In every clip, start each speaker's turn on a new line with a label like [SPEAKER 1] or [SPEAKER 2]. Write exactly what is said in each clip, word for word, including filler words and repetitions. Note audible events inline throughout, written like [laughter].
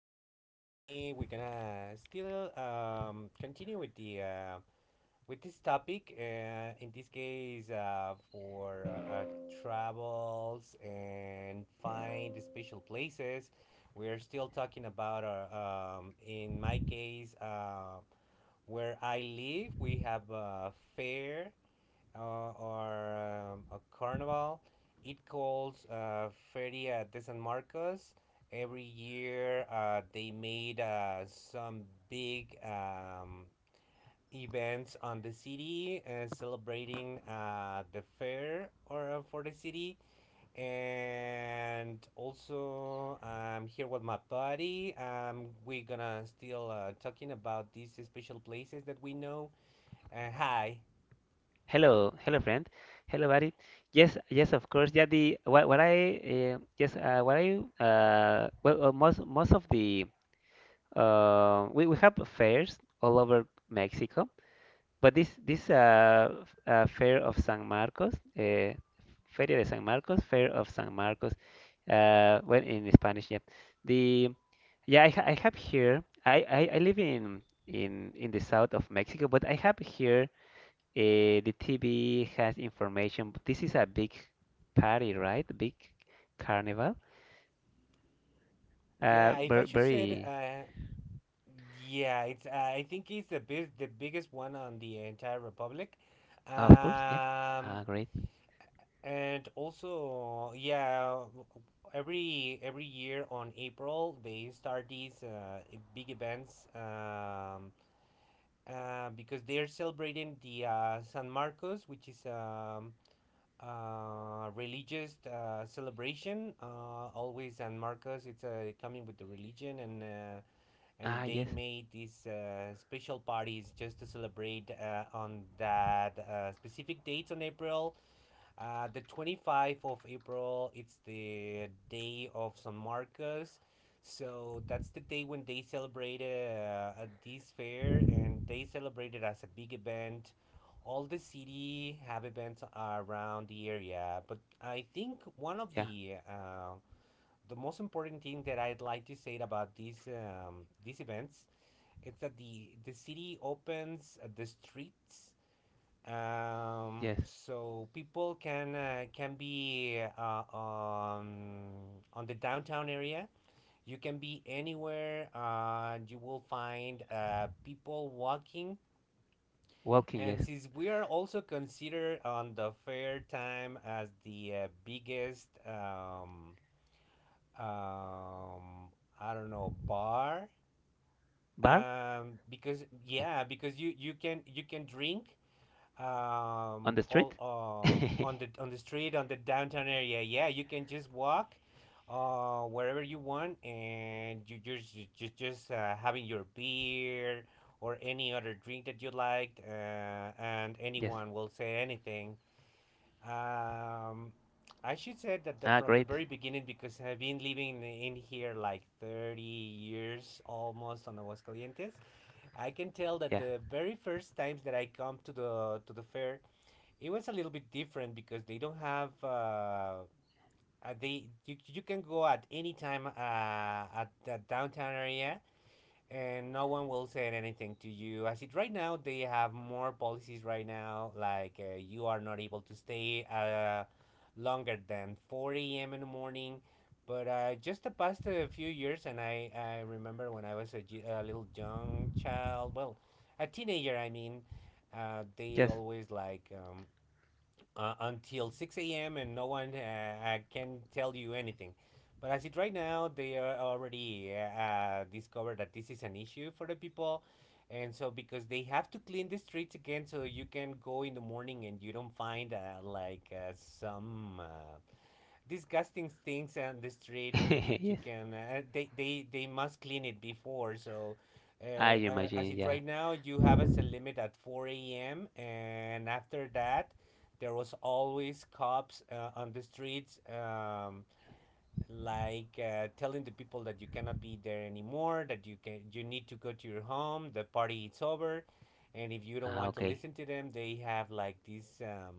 [SPEAKER 1] being here with me. We're gonna still um, continue with the uh, with this topic. Uh, in this case, uh, for uh, uh, travels and find special places. We are still talking about our. Um, in my case, uh, where I live, we have a fair uh, or um, a carnival. It calls uh, Feria de San Marcos. Every year, uh, they made uh, some big um, events on the city, uh, celebrating uh, the fair or uh, for the city, and also I'm here with my buddy. Um, we're gonna still uh, talking about these special places that we know. Uh, hi.
[SPEAKER 2] Hello, hello friend. Hello buddy. Yes, yes, of course. Yeah, the what, what I uh, yes, uh, what I uh, well, uh, most most of the uh, we we have fairs all over Mexico, but this this uh, f- uh fair of San Marcos, uh, Feria de San Marcos, Fair of San Marcos, uh, well in Spanish, yeah. The yeah, I, ha- I have here. I, I, I live in in in the south of Mexico, but I have here. Eh, the T V has information. This is a big party, right? Big carnival. Uh,
[SPEAKER 1] Yeah, if I
[SPEAKER 2] very,
[SPEAKER 1] should said,
[SPEAKER 2] very,
[SPEAKER 1] uh, yeah, it's. Uh, I think it's the big, the biggest one on the entire republic.
[SPEAKER 2] of course, yeah.
[SPEAKER 1] um,
[SPEAKER 2] Ah, great.
[SPEAKER 1] and also, yeah, every every year on April they start these uh, big events, um, uh, because they're celebrating the uh, San Marcos, which is um, uh, religious uh, celebration. Uh, always San Marcos, it's uh, coming with the religion and. Uh, and
[SPEAKER 2] Ah,
[SPEAKER 1] they
[SPEAKER 2] yes,
[SPEAKER 1] made these uh, special parties just to celebrate uh, on that uh, specific dates on April. Uh, the twenty-fifth of April, it's the day of San Marcos. So that's the day when they celebrated uh, this fair, and they celebrated as a big event. All the city have events around the area, but I think one of
[SPEAKER 2] yeah,
[SPEAKER 1] the uh, the most important thing that I'd like to say about these um, these events, it's that the the city opens uh, the streets, um
[SPEAKER 2] yes.
[SPEAKER 1] so people can uh, can be uh, on on the downtown area. You can be anywhere, uh you will find uh people walking,
[SPEAKER 2] Walking,
[SPEAKER 1] and
[SPEAKER 2] yes.
[SPEAKER 1] since we are also considered on the fair time as the uh, biggest, um um I don't know, bar,
[SPEAKER 2] Bar,
[SPEAKER 1] um because,
[SPEAKER 2] yeah.
[SPEAKER 1] yeah, because you you can, you can drink
[SPEAKER 2] On
[SPEAKER 1] um
[SPEAKER 2] the
[SPEAKER 1] all
[SPEAKER 2] street, [laughs]
[SPEAKER 1] uh on the on the street, on the downtown area. Yeah, you can just walk uh wherever you want, and you just just just uh, having your beer or any other drink that you liked, uh, and
[SPEAKER 2] yes.
[SPEAKER 1] anyone will say anything. um I should say that the,
[SPEAKER 2] Ah,
[SPEAKER 1] from the
[SPEAKER 2] great,
[SPEAKER 1] very beginning, because I've been living in here like thirty years almost, on Aguascalientes. I can tell that
[SPEAKER 2] yeah,
[SPEAKER 1] the very first times that I come to the to the fair, it was a little bit different because they don't have uh, uh, they you, you can go at any time, uh, at the downtown area, and no one will say anything to you. As it right now, they have more policies right now, like, uh, you are not able to stay uh, longer than four a m in the morning. But uh, just the past uh, few years, and I, I remember when I was a, ju- a little young child, well, a teenager, I mean, uh, they
[SPEAKER 2] yes,
[SPEAKER 1] always like, um, uh, until six a m and no one uh, uh, can tell you anything. But as it right now, they are already uh, uh, discovered that this is an issue for the people. And so, because they have to clean the streets again, so you can go in the morning and you don't find uh, like uh, some uh, disgusting things on the street. you
[SPEAKER 2] [laughs]
[SPEAKER 1] you
[SPEAKER 2] yes.
[SPEAKER 1] can uh, they they they must clean it before, so
[SPEAKER 2] I
[SPEAKER 1] uh, uh,
[SPEAKER 2] imagine,
[SPEAKER 1] as it
[SPEAKER 2] yeah.
[SPEAKER 1] right now, you have as a limit at four a.m, and after that there was always cops uh, on the streets, um, like uh, telling the people that you cannot be there anymore, that you can you need to go to your home, the party is over. And if you don't
[SPEAKER 2] Ah,
[SPEAKER 1] want to
[SPEAKER 2] okay.
[SPEAKER 1] listen to them, they have like this, um,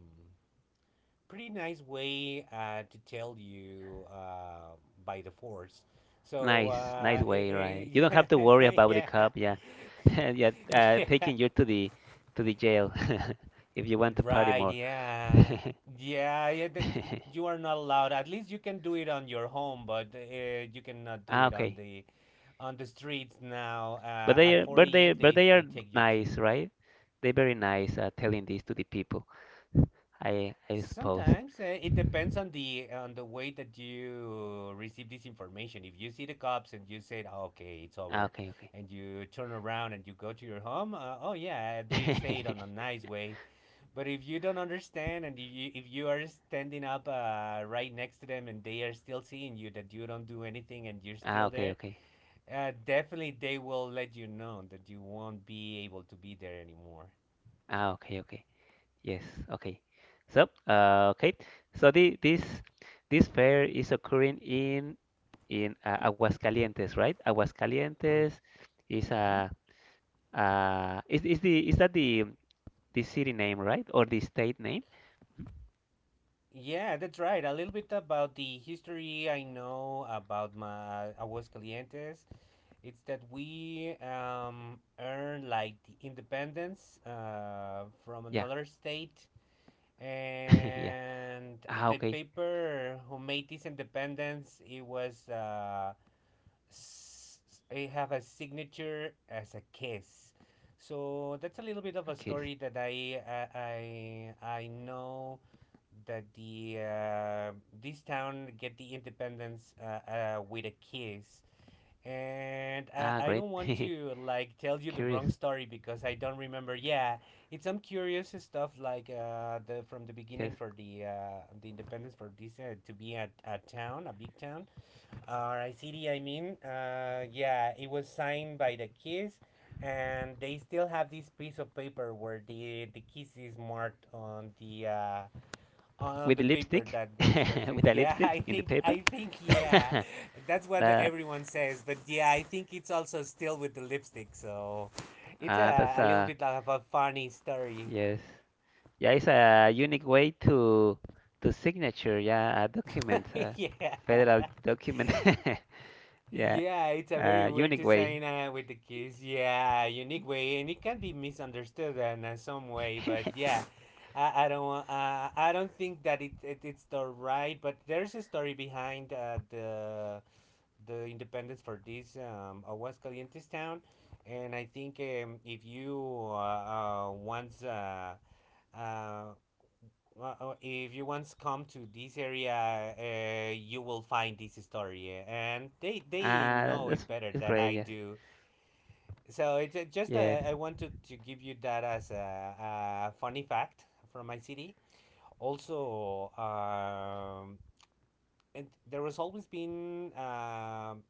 [SPEAKER 1] pretty nice way uh, to tell you, uh, by the force. So,
[SPEAKER 2] Nice, nice
[SPEAKER 1] uh,
[SPEAKER 2] way, right?
[SPEAKER 1] eh,
[SPEAKER 2] You don't have to worry
[SPEAKER 1] eh, [laughs]
[SPEAKER 2] about the
[SPEAKER 1] yeah,
[SPEAKER 2] cop, yeah, [laughs] yeah.
[SPEAKER 1] [laughs]
[SPEAKER 2] Uh,
[SPEAKER 1] yeah,
[SPEAKER 2] taking you to the to the jail [laughs] if you want to party
[SPEAKER 1] right,
[SPEAKER 2] more. [laughs]
[SPEAKER 1] yeah, yeah, yeah. th- th- you are not allowed. At least you can do it on your home, but uh, you cannot do
[SPEAKER 2] Ah,
[SPEAKER 1] it on
[SPEAKER 2] okay.
[SPEAKER 1] the on the streets now.
[SPEAKER 2] But
[SPEAKER 1] Uh,
[SPEAKER 2] they
[SPEAKER 1] at
[SPEAKER 2] are,
[SPEAKER 1] four
[SPEAKER 2] but they,
[SPEAKER 1] a m
[SPEAKER 2] but
[SPEAKER 1] they
[SPEAKER 2] they are
[SPEAKER 1] they take you to.
[SPEAKER 2] nice, right? They're very nice, uh, telling this to the people. I, I suppose.
[SPEAKER 1] Sometimes uh, it depends on the on the way that you receive this information. If you see the cops and you said, "Oh, okay, it's
[SPEAKER 2] Ah,
[SPEAKER 1] over,"
[SPEAKER 2] okay, okay.
[SPEAKER 1] and you turn around and you go to your home, uh, oh yeah, they say it on a
[SPEAKER 2] [laughs]
[SPEAKER 1] nice way. But if you don't understand, and if you if you are standing up uh, right next to them, and they are still seeing you, that you don't do anything and you're
[SPEAKER 2] Ah,
[SPEAKER 1] still
[SPEAKER 2] okay,
[SPEAKER 1] there,
[SPEAKER 2] okay.
[SPEAKER 1] uh, definitely they will let you know that you won't be able to be there anymore.
[SPEAKER 2] Ah, okay, okay. Yes, okay. So, uh, okay. So the, this this fair is occurring in in uh, Aguascalientes, right? Aguascalientes is
[SPEAKER 1] Mhm.
[SPEAKER 2] a uh, is is the Is that the the city name, right? Or the state name?
[SPEAKER 1] Yeah, that's right. A little bit about the history I know about my Aguascalientes. It's that we, um, earned like the independence uh, from
[SPEAKER 2] Yeah,
[SPEAKER 1] another state,
[SPEAKER 2] [laughs] yeah.
[SPEAKER 1] and
[SPEAKER 2] Ah,
[SPEAKER 1] the
[SPEAKER 2] okay.
[SPEAKER 1] paper who made this independence, it was uh, s- it have a signature as a kiss. So that's a little bit of
[SPEAKER 2] A
[SPEAKER 1] a
[SPEAKER 2] kiss.
[SPEAKER 1] story that I I I, I know that the uh, this town get the independence uh, uh, with a kiss. And I,
[SPEAKER 2] Ah,
[SPEAKER 1] I
[SPEAKER 2] great.
[SPEAKER 1] don't want to like tell
[SPEAKER 2] [laughs]
[SPEAKER 1] you the
[SPEAKER 2] Curious.
[SPEAKER 1] wrong story because I don't remember. Yeah, it's some curious stuff, like uh, the from the
[SPEAKER 2] Yes.
[SPEAKER 1] beginning for the uh, the independence for this, uh, to be a, a town, a big town, or a city. I mean, uh, yeah, it was signed by the kiss, and they still have this piece of paper where the the kiss is marked on the uh, on
[SPEAKER 2] With the
[SPEAKER 1] the paper
[SPEAKER 2] lipstick,
[SPEAKER 1] that
[SPEAKER 2] [laughs]
[SPEAKER 1] works like say,
[SPEAKER 2] with a
[SPEAKER 1] yeah. [laughs] i
[SPEAKER 2] lipstick in the
[SPEAKER 1] think
[SPEAKER 2] paper.
[SPEAKER 1] i think yeah,
[SPEAKER 2] [laughs]
[SPEAKER 1] that's what the-
[SPEAKER 2] That
[SPEAKER 1] everyone says. But yeah, I think it's also still with the lipstick, so it's
[SPEAKER 2] uh,
[SPEAKER 1] a,
[SPEAKER 2] that's
[SPEAKER 1] a little
[SPEAKER 2] a
[SPEAKER 1] bit of a funny story.
[SPEAKER 2] yes. Yeah, it's a unique way to to signature. Yeah, a document,
[SPEAKER 1] [laughs]
[SPEAKER 2] a
[SPEAKER 1] Yeah,
[SPEAKER 2] federal document. [laughs] Yeah,
[SPEAKER 1] yeah, it's a very
[SPEAKER 2] uh,
[SPEAKER 1] weird
[SPEAKER 2] unique way.
[SPEAKER 1] design, uh, with the kiss, yeah, unique way, and it can be misunderstood in uh, some way, but
[SPEAKER 2] [laughs]
[SPEAKER 1] yeah. I, I don't wa- uh, I don't think that it, it it's the right, but there's a story behind uh, the the independence for this, um, Aguascalientes town, and I think, um, if you uh, uh, once uh, uh, uh, uh, if you once come to this area, uh, you will find this story, uh, and they they
[SPEAKER 2] Uh,
[SPEAKER 1] know it
[SPEAKER 2] that's
[SPEAKER 1] better
[SPEAKER 2] It's
[SPEAKER 1] than
[SPEAKER 2] great.
[SPEAKER 1] I
[SPEAKER 2] Yes.
[SPEAKER 1] do. So it's uh, just uh,
[SPEAKER 2] Yes.
[SPEAKER 1] I wanted to give you that as a, a funny fact from my city. Also, um, and there has always been, um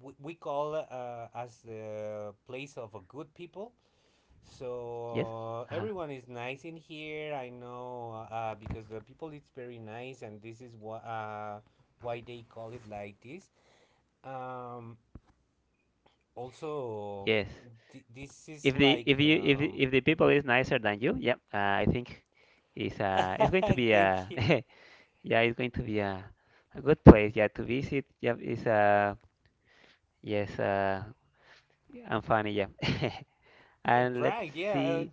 [SPEAKER 1] we, we call, uh, as the place of a good people. So,
[SPEAKER 2] Yes.
[SPEAKER 1] uh,
[SPEAKER 2] Uh-huh.
[SPEAKER 1] everyone is nice in here. I know, uh, because the people it's very nice, and this is why uh, why they call it like this. Um, also,
[SPEAKER 2] Yes.
[SPEAKER 1] th- this is
[SPEAKER 2] if the
[SPEAKER 1] like,
[SPEAKER 2] if you if
[SPEAKER 1] um,
[SPEAKER 2] if the people
[SPEAKER 1] mhm.
[SPEAKER 2] is nicer than you, yeah, uh, I think it's uh it's
[SPEAKER 1] [laughs]
[SPEAKER 2] going to be
[SPEAKER 1] Thank
[SPEAKER 2] a
[SPEAKER 1] you.
[SPEAKER 2] [laughs] yeah, it's going to be a, a good place, yeah, to visit, yeah, it's uh yes uh and funny, yeah. [laughs] And let's
[SPEAKER 1] Right, yeah, uh,
[SPEAKER 2] see.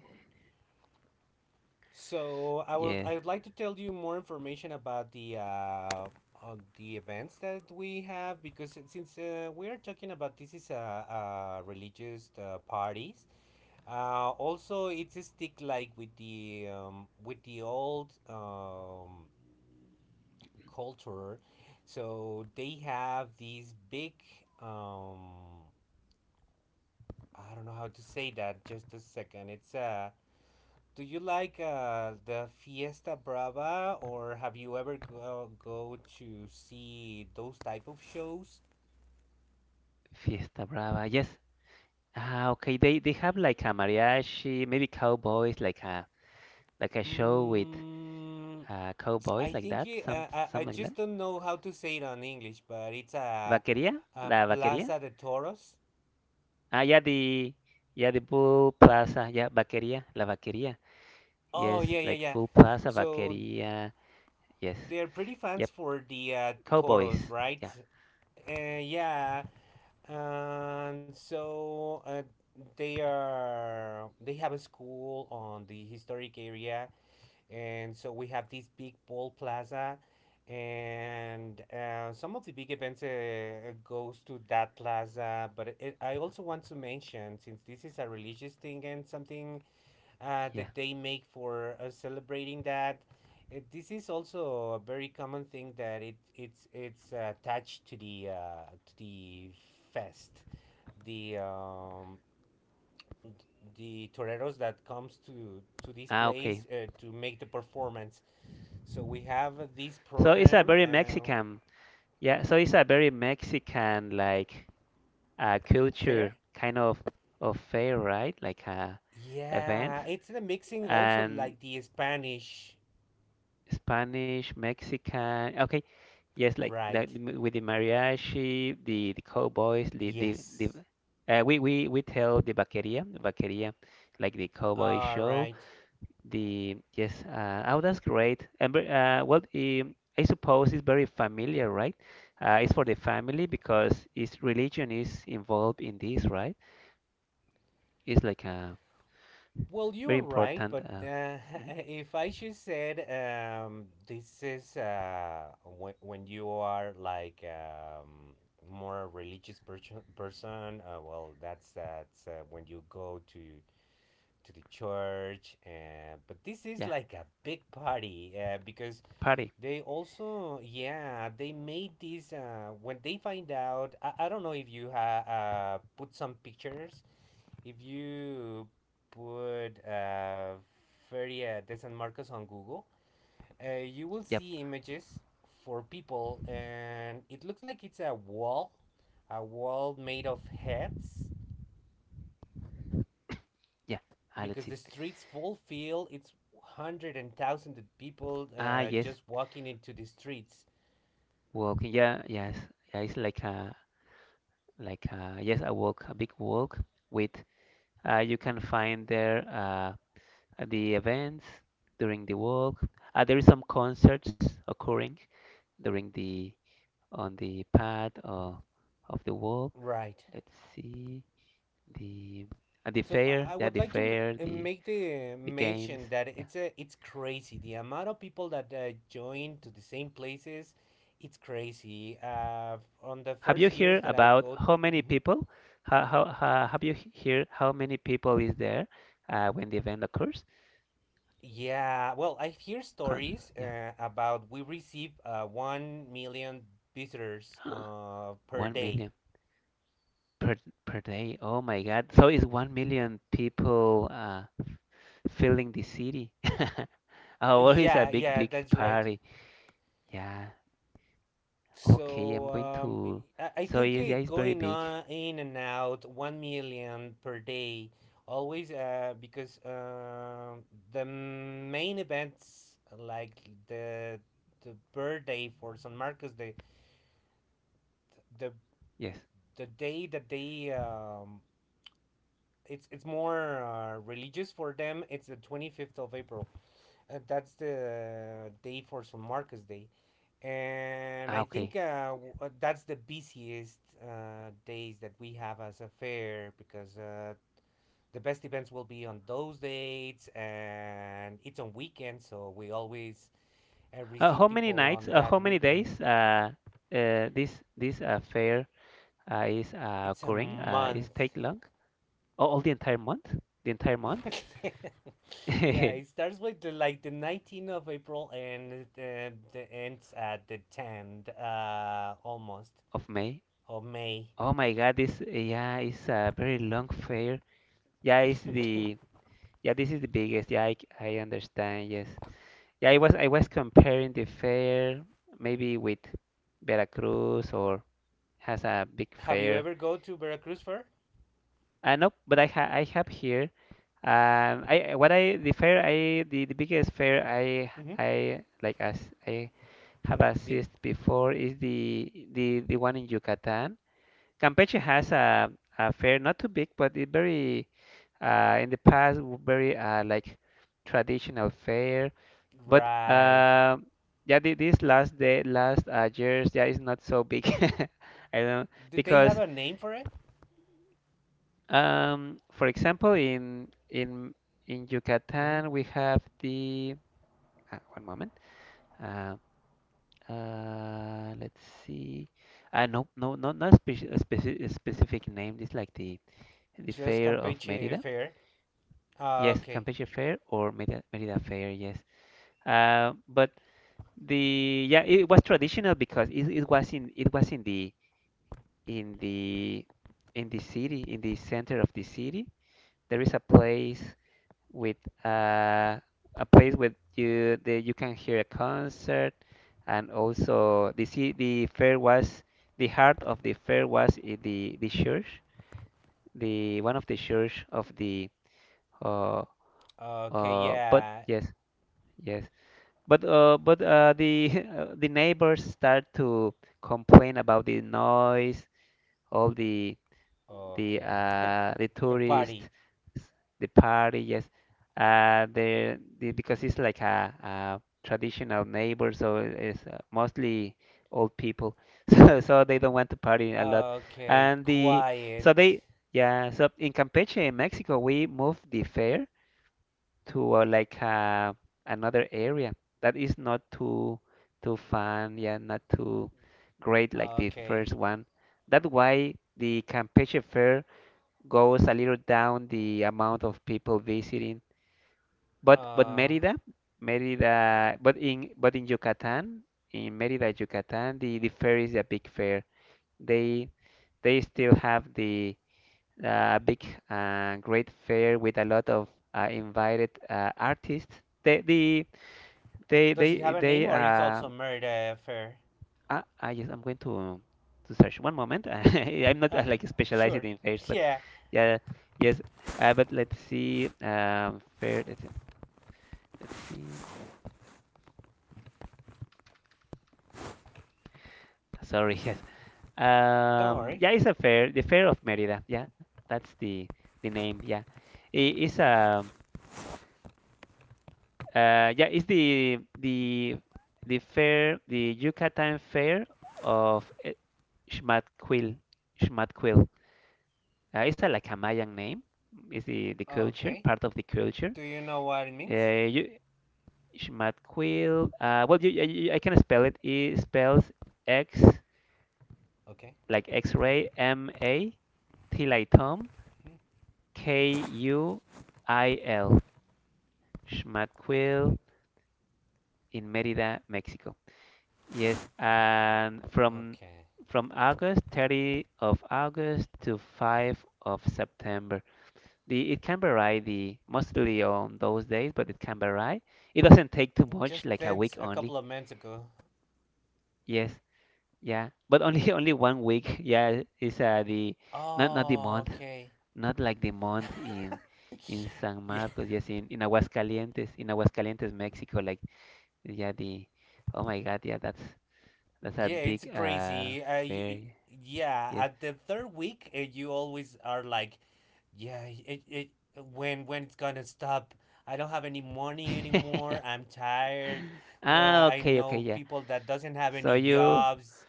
[SPEAKER 1] So I was
[SPEAKER 2] Yes.
[SPEAKER 1] I would like to tell you more information about the uh, on the events that we have, because it- since uh, we are talking about this is a, a religious uh, parties. Uh, also, it's a stick like with the um, with the old, um, culture. So they have these big, um, I don't know how to say that. Just a second. It's a, do you like uh, the Fiesta Brava, or have you ever go, go to see those type of shows?
[SPEAKER 2] Fiesta Brava, yes. Ah, okay, they they have like a mariachi, maybe cowboys, like a like a show with
[SPEAKER 1] Mm,
[SPEAKER 2] uh cowboys,
[SPEAKER 1] I
[SPEAKER 2] like
[SPEAKER 1] think
[SPEAKER 2] that,
[SPEAKER 1] it,
[SPEAKER 2] some
[SPEAKER 1] uh, I I
[SPEAKER 2] some like that.
[SPEAKER 1] just don't know how to say it on English, but it's a,
[SPEAKER 2] Vaqueria,
[SPEAKER 1] a
[SPEAKER 2] la vaqueria.
[SPEAKER 1] Plaza de Toros.
[SPEAKER 2] Ah, yeah, the yeah the Bull Plaza, yeah, Vaqueria, La Vaqueria.
[SPEAKER 1] Oh
[SPEAKER 2] Yes,
[SPEAKER 1] yeah, yeah,
[SPEAKER 2] like
[SPEAKER 1] yeah.
[SPEAKER 2] Bull Plaza,
[SPEAKER 1] So
[SPEAKER 2] Vaqueria. Yes,
[SPEAKER 1] they're pretty fans
[SPEAKER 2] yep,
[SPEAKER 1] for the uh, toros,
[SPEAKER 2] Cowboys.
[SPEAKER 1] right?
[SPEAKER 2] Yeah,
[SPEAKER 1] Uh, yeah. And so uh, they are they have a school on the historic area, and so we have this big ball plaza, and uh, some of the big events uh, goes to that plaza. But it, I also want to mention, since this is a religious thing and something uh,
[SPEAKER 2] yeah.
[SPEAKER 1] that they make for uh, celebrating that. Uh, this is also a very common thing that it it's it's uh, attached to the uh, to the fest, the, um, the toreros that comes to to this
[SPEAKER 2] Ah, okay.
[SPEAKER 1] place uh, to make the performance. So we have this
[SPEAKER 2] So it's a
[SPEAKER 1] program,
[SPEAKER 2] very
[SPEAKER 1] uh,
[SPEAKER 2] Mexican. Yeah, so it's a very Mexican like, uh,
[SPEAKER 1] fair.
[SPEAKER 2] culture kind of of fair, right? Like a event.
[SPEAKER 1] Yeah, it's the mixing also
[SPEAKER 2] And
[SPEAKER 1] like the Spanish,
[SPEAKER 2] Spanish, Mexican. Okay. Yes, like like
[SPEAKER 1] right?
[SPEAKER 2] the m- with the mariachi, the the cowboys, the the the
[SPEAKER 1] Yes.
[SPEAKER 2] uh, we we we tell the vaqueria, the vaqueria, like the cowboy
[SPEAKER 1] All
[SPEAKER 2] show.
[SPEAKER 1] right.
[SPEAKER 2] The yes, uh, oh, that's great. And ve- uh, well, um, I suppose it's very familiar, right? Uh, it's for the family because its religion is involved in this, right? It's like a
[SPEAKER 1] Well,
[SPEAKER 2] very
[SPEAKER 1] you're right,
[SPEAKER 2] important,
[SPEAKER 1] but,
[SPEAKER 2] uh,
[SPEAKER 1] uh, [laughs]
[SPEAKER 2] mhm,
[SPEAKER 1] if I just said, um, this is uh, when, when you are like, um, more a religious person, person, uh, well, that's that's uh, when you go to to the church, and but this is
[SPEAKER 2] yeah,
[SPEAKER 1] like a big party, uh, because
[SPEAKER 2] party.
[SPEAKER 1] they also, yeah, they made this uh, when they find out. I, I don't know if you ha- uh, put some pictures. If you put, uh, Feria de San Marcos on Google, uh, you will
[SPEAKER 2] Yep,
[SPEAKER 1] see images for people, and it looks like it's a wall, a wall made of heads,
[SPEAKER 2] yeah. Ah, let's
[SPEAKER 1] because
[SPEAKER 2] see.
[SPEAKER 1] the streets full feel it's hundred and thousands of people
[SPEAKER 2] Ah,
[SPEAKER 1] uh,
[SPEAKER 2] yes,
[SPEAKER 1] just walking into the streets.
[SPEAKER 2] walking. Yeah, yes, yeah. It's like a like, uh, yes, a walk, a big walk with, uh, you can find there, uh, the events during the walk. Uh, there is some concerts occurring during the on the path or of the walk.
[SPEAKER 1] Right.
[SPEAKER 2] Let's see the, uh, the
[SPEAKER 1] So
[SPEAKER 2] fair,
[SPEAKER 1] I I
[SPEAKER 2] yeah,
[SPEAKER 1] would
[SPEAKER 2] the
[SPEAKER 1] like to m-
[SPEAKER 2] fair,
[SPEAKER 1] uh,
[SPEAKER 2] the
[SPEAKER 1] make the
[SPEAKER 2] the games.
[SPEAKER 1] mention that
[SPEAKER 2] Yeah.
[SPEAKER 1] it's a, it's crazy the amount of people that uh, join to the same places. It's crazy. Uh, on the
[SPEAKER 2] Have you
[SPEAKER 1] first years
[SPEAKER 2] heard
[SPEAKER 1] that I
[SPEAKER 2] about
[SPEAKER 1] go,
[SPEAKER 2] how many
[SPEAKER 1] mhm,
[SPEAKER 2] people? How, how, how have you he- heard how many people is there, uh, when the event occurs?
[SPEAKER 1] yeah. Well, I hear
[SPEAKER 2] Con
[SPEAKER 1] stories
[SPEAKER 2] yeah,
[SPEAKER 1] uh, about we receive uh, one million visitors uh,
[SPEAKER 2] [gasps]
[SPEAKER 1] per
[SPEAKER 2] one
[SPEAKER 1] day.
[SPEAKER 2] million. Per per day. Oh my God. So it's one million people, uh, filling the city. [laughs]
[SPEAKER 1] Uh,
[SPEAKER 2] Oh, well, it's a
[SPEAKER 1] Yeah,
[SPEAKER 2] big,
[SPEAKER 1] yeah,
[SPEAKER 2] big
[SPEAKER 1] that's right.
[SPEAKER 2] party. Yeah. Okay, I'm
[SPEAKER 1] So
[SPEAKER 2] going
[SPEAKER 1] um,
[SPEAKER 2] to.
[SPEAKER 1] I, I
[SPEAKER 2] So
[SPEAKER 1] think
[SPEAKER 2] yes,
[SPEAKER 1] uh,
[SPEAKER 2] yeah, it's very
[SPEAKER 1] going
[SPEAKER 2] big.
[SPEAKER 1] on in and out one million per day always, uh, because um the main events like the the birthday for San Marcos, the the
[SPEAKER 2] Yes.
[SPEAKER 1] the day that they um, it's it's more uh, religious for them, it's the twenty-fifth of April. Uh, that's the day for San Marcos Day, and
[SPEAKER 2] Ah,
[SPEAKER 1] I think
[SPEAKER 2] okay.
[SPEAKER 1] uh, w- uh, that's the busiest uh, days that we have as a fair because uh, the best events will be on those dates, and it's on weekends, so we always uh,
[SPEAKER 2] Uh,
[SPEAKER 1] receive
[SPEAKER 2] how many
[SPEAKER 1] people
[SPEAKER 2] nights?
[SPEAKER 1] on
[SPEAKER 2] Uh, how
[SPEAKER 1] that
[SPEAKER 2] many
[SPEAKER 1] weekend.
[SPEAKER 2] days? Uh, uh, this this uh, fair, uh, is uh,
[SPEAKER 1] It's a
[SPEAKER 2] occurring. Uh, is
[SPEAKER 1] month.
[SPEAKER 2] take long? Oh, all the entire month? The entire month.
[SPEAKER 1] [laughs] yeah, it
[SPEAKER 2] [laughs]
[SPEAKER 1] starts with the, like the nineteenth of April and it uh, the ends at the tenth, uh, almost,
[SPEAKER 2] Of May.
[SPEAKER 1] of May.
[SPEAKER 2] Oh my God! This yeah, it's a very long fair. Yeah, it's the.
[SPEAKER 1] [laughs]
[SPEAKER 2] Yeah, this is the biggest. Yeah, I, c- I understand. Yes. Yeah, I was I was comparing the fair maybe with Veracruz, or has a big
[SPEAKER 1] Have you
[SPEAKER 2] fair.
[SPEAKER 1] ever go to Veracruz Fair?
[SPEAKER 2] Uh, nope, but I ha I have here. Um, I what I the fair I the, the biggest fair I
[SPEAKER 1] Mm-hmm.
[SPEAKER 2] I like as I have
[SPEAKER 1] Been?
[SPEAKER 2] assisted before is the the the one in Yucatan. Campeche has a a fair not too big, but it very, uh in the past very, uh like traditional fair. But
[SPEAKER 1] Right.
[SPEAKER 2] uh, yeah, thi- this last day, last, uh, years, yeah, is not so big. [laughs] I don't.
[SPEAKER 1] Do they have
[SPEAKER 2] Because,
[SPEAKER 1] a name for it?
[SPEAKER 2] um, for example, in in in
[SPEAKER 1] Mhm.
[SPEAKER 2] Yucatan we have the, uh, one moment. Uh, uh, let's see. Uh, no, no, no, not speci a speci a specific name. It's like the the
[SPEAKER 1] Just
[SPEAKER 2] fair of
[SPEAKER 1] Campeche
[SPEAKER 2] Merida.
[SPEAKER 1] Fair. Uh,
[SPEAKER 2] Yes,
[SPEAKER 1] Okay.
[SPEAKER 2] Campeche Fair or Merida, Merida Fair. Yes. Uh, but the yeah, it was traditional because it, it was in it was in the in the in the city, in the center of the city, there is a place with, uh, a place where you that you can hear a concert, and also the ci- the fair was the heart of the fair was i- the the church, the one of the church of the, uh
[SPEAKER 1] Okay,
[SPEAKER 2] uh but
[SPEAKER 1] yeah.
[SPEAKER 2] yes, yes, but uh but uh the [laughs] uh, the neighbors start to complain about the noise, all the the
[SPEAKER 1] Okay. [laughs]
[SPEAKER 2] uh, the
[SPEAKER 1] the
[SPEAKER 2] tourists,
[SPEAKER 1] party.
[SPEAKER 2] the party, yes. Uh, the, the, because it's like a, a traditional neighbor, so it's, uh, mostly old people, [laughs] so so they don't want to party a lot.
[SPEAKER 1] Okay,
[SPEAKER 2] And the so
[SPEAKER 1] quiet.
[SPEAKER 2] they yeah, so in Campeche, in Mexico, we moved the fair to, uh, like uh, another area that is not too too fun, yeah, not too great like the
[SPEAKER 1] Okay.
[SPEAKER 2] first one. That's why the Campeche fair goes a little down the amount of people visiting. But but
[SPEAKER 1] Uh,
[SPEAKER 2] Mérida, Mérida, but in but in Yucatán, in Mérida, Yucatán, the the fair is a big fair. They they still have the, uh, big, uh, great fair with a lot of, uh, invited, uh, artists. They the they
[SPEAKER 1] does it
[SPEAKER 2] they
[SPEAKER 1] have a name
[SPEAKER 2] they
[SPEAKER 1] or it's
[SPEAKER 2] uh,
[SPEAKER 1] also murder fair?
[SPEAKER 2] I, I just I'm going to, um, to search one moment. [laughs] I'm not, uh,
[SPEAKER 1] Okay,
[SPEAKER 2] like specialized
[SPEAKER 1] sure.
[SPEAKER 2] in fairs,
[SPEAKER 1] [laughs]
[SPEAKER 2] but
[SPEAKER 1] Yeah,
[SPEAKER 2] yeah, yes. Uh, but let's see. Um, fair. Let's, let's see. Sorry. [laughs] Yes.
[SPEAKER 1] don't
[SPEAKER 2] Um,
[SPEAKER 1] worry.
[SPEAKER 2] yeah, it's a fair. The fair of Merida. Yeah, that's the the name. Yeah, it is, um. Uh, yeah, it's the the the fair, the Yucatan fair of, eh, Xmatquil. Xmatquil. Uh, it's a, like a Mayan name. Is the, the culture
[SPEAKER 1] Okay.
[SPEAKER 2] part of the culture?
[SPEAKER 1] Do you know what it means?
[SPEAKER 2] Uh, you Xmatquil. Uh, well, you, you, I can spell it. It spells X
[SPEAKER 1] Okay.
[SPEAKER 2] like X-ray M A T like Tom
[SPEAKER 1] Mhm.
[SPEAKER 2] K U I L.
[SPEAKER 1] Got
[SPEAKER 2] Xmatquil
[SPEAKER 1] it.
[SPEAKER 2] in Merida, Mexico. Yes, and from
[SPEAKER 1] Okay.
[SPEAKER 2] from August thirtieth of August to fifth of September. The, it can vary, the mostly on those days, but it can vary. It doesn't take too much,
[SPEAKER 1] Just
[SPEAKER 2] like a
[SPEAKER 1] Dance
[SPEAKER 2] week
[SPEAKER 1] a
[SPEAKER 2] only.
[SPEAKER 1] couple of months ago.
[SPEAKER 2] Yes, yeah, but only [laughs] only one week. Yeah, is uh, the Not not the
[SPEAKER 1] Oh,
[SPEAKER 2] month,
[SPEAKER 1] okay.
[SPEAKER 2] not like the month in
[SPEAKER 1] [laughs]
[SPEAKER 2] in San
[SPEAKER 1] yeah,
[SPEAKER 2] Marcos. Yes, in in Aguascalientes, in Aguascalientes, Mexico. Like yeah, the Oh my God, yeah, that's that's a
[SPEAKER 1] yeah, it's
[SPEAKER 2] big uh
[SPEAKER 1] crazy. Uh, y-
[SPEAKER 2] fair.
[SPEAKER 1] yeah,
[SPEAKER 2] Yes.
[SPEAKER 1] at the third week, uh, you always are like, yeah, it, it when when it's gonna stop. I don't have any money anymore.
[SPEAKER 2] [laughs]
[SPEAKER 1] I'm tired. Well,
[SPEAKER 2] Ah,
[SPEAKER 1] I
[SPEAKER 2] okay, okay,
[SPEAKER 1] know
[SPEAKER 2] yeah.
[SPEAKER 1] people that doesn't have
[SPEAKER 2] So
[SPEAKER 1] any
[SPEAKER 2] you.
[SPEAKER 1] jobs.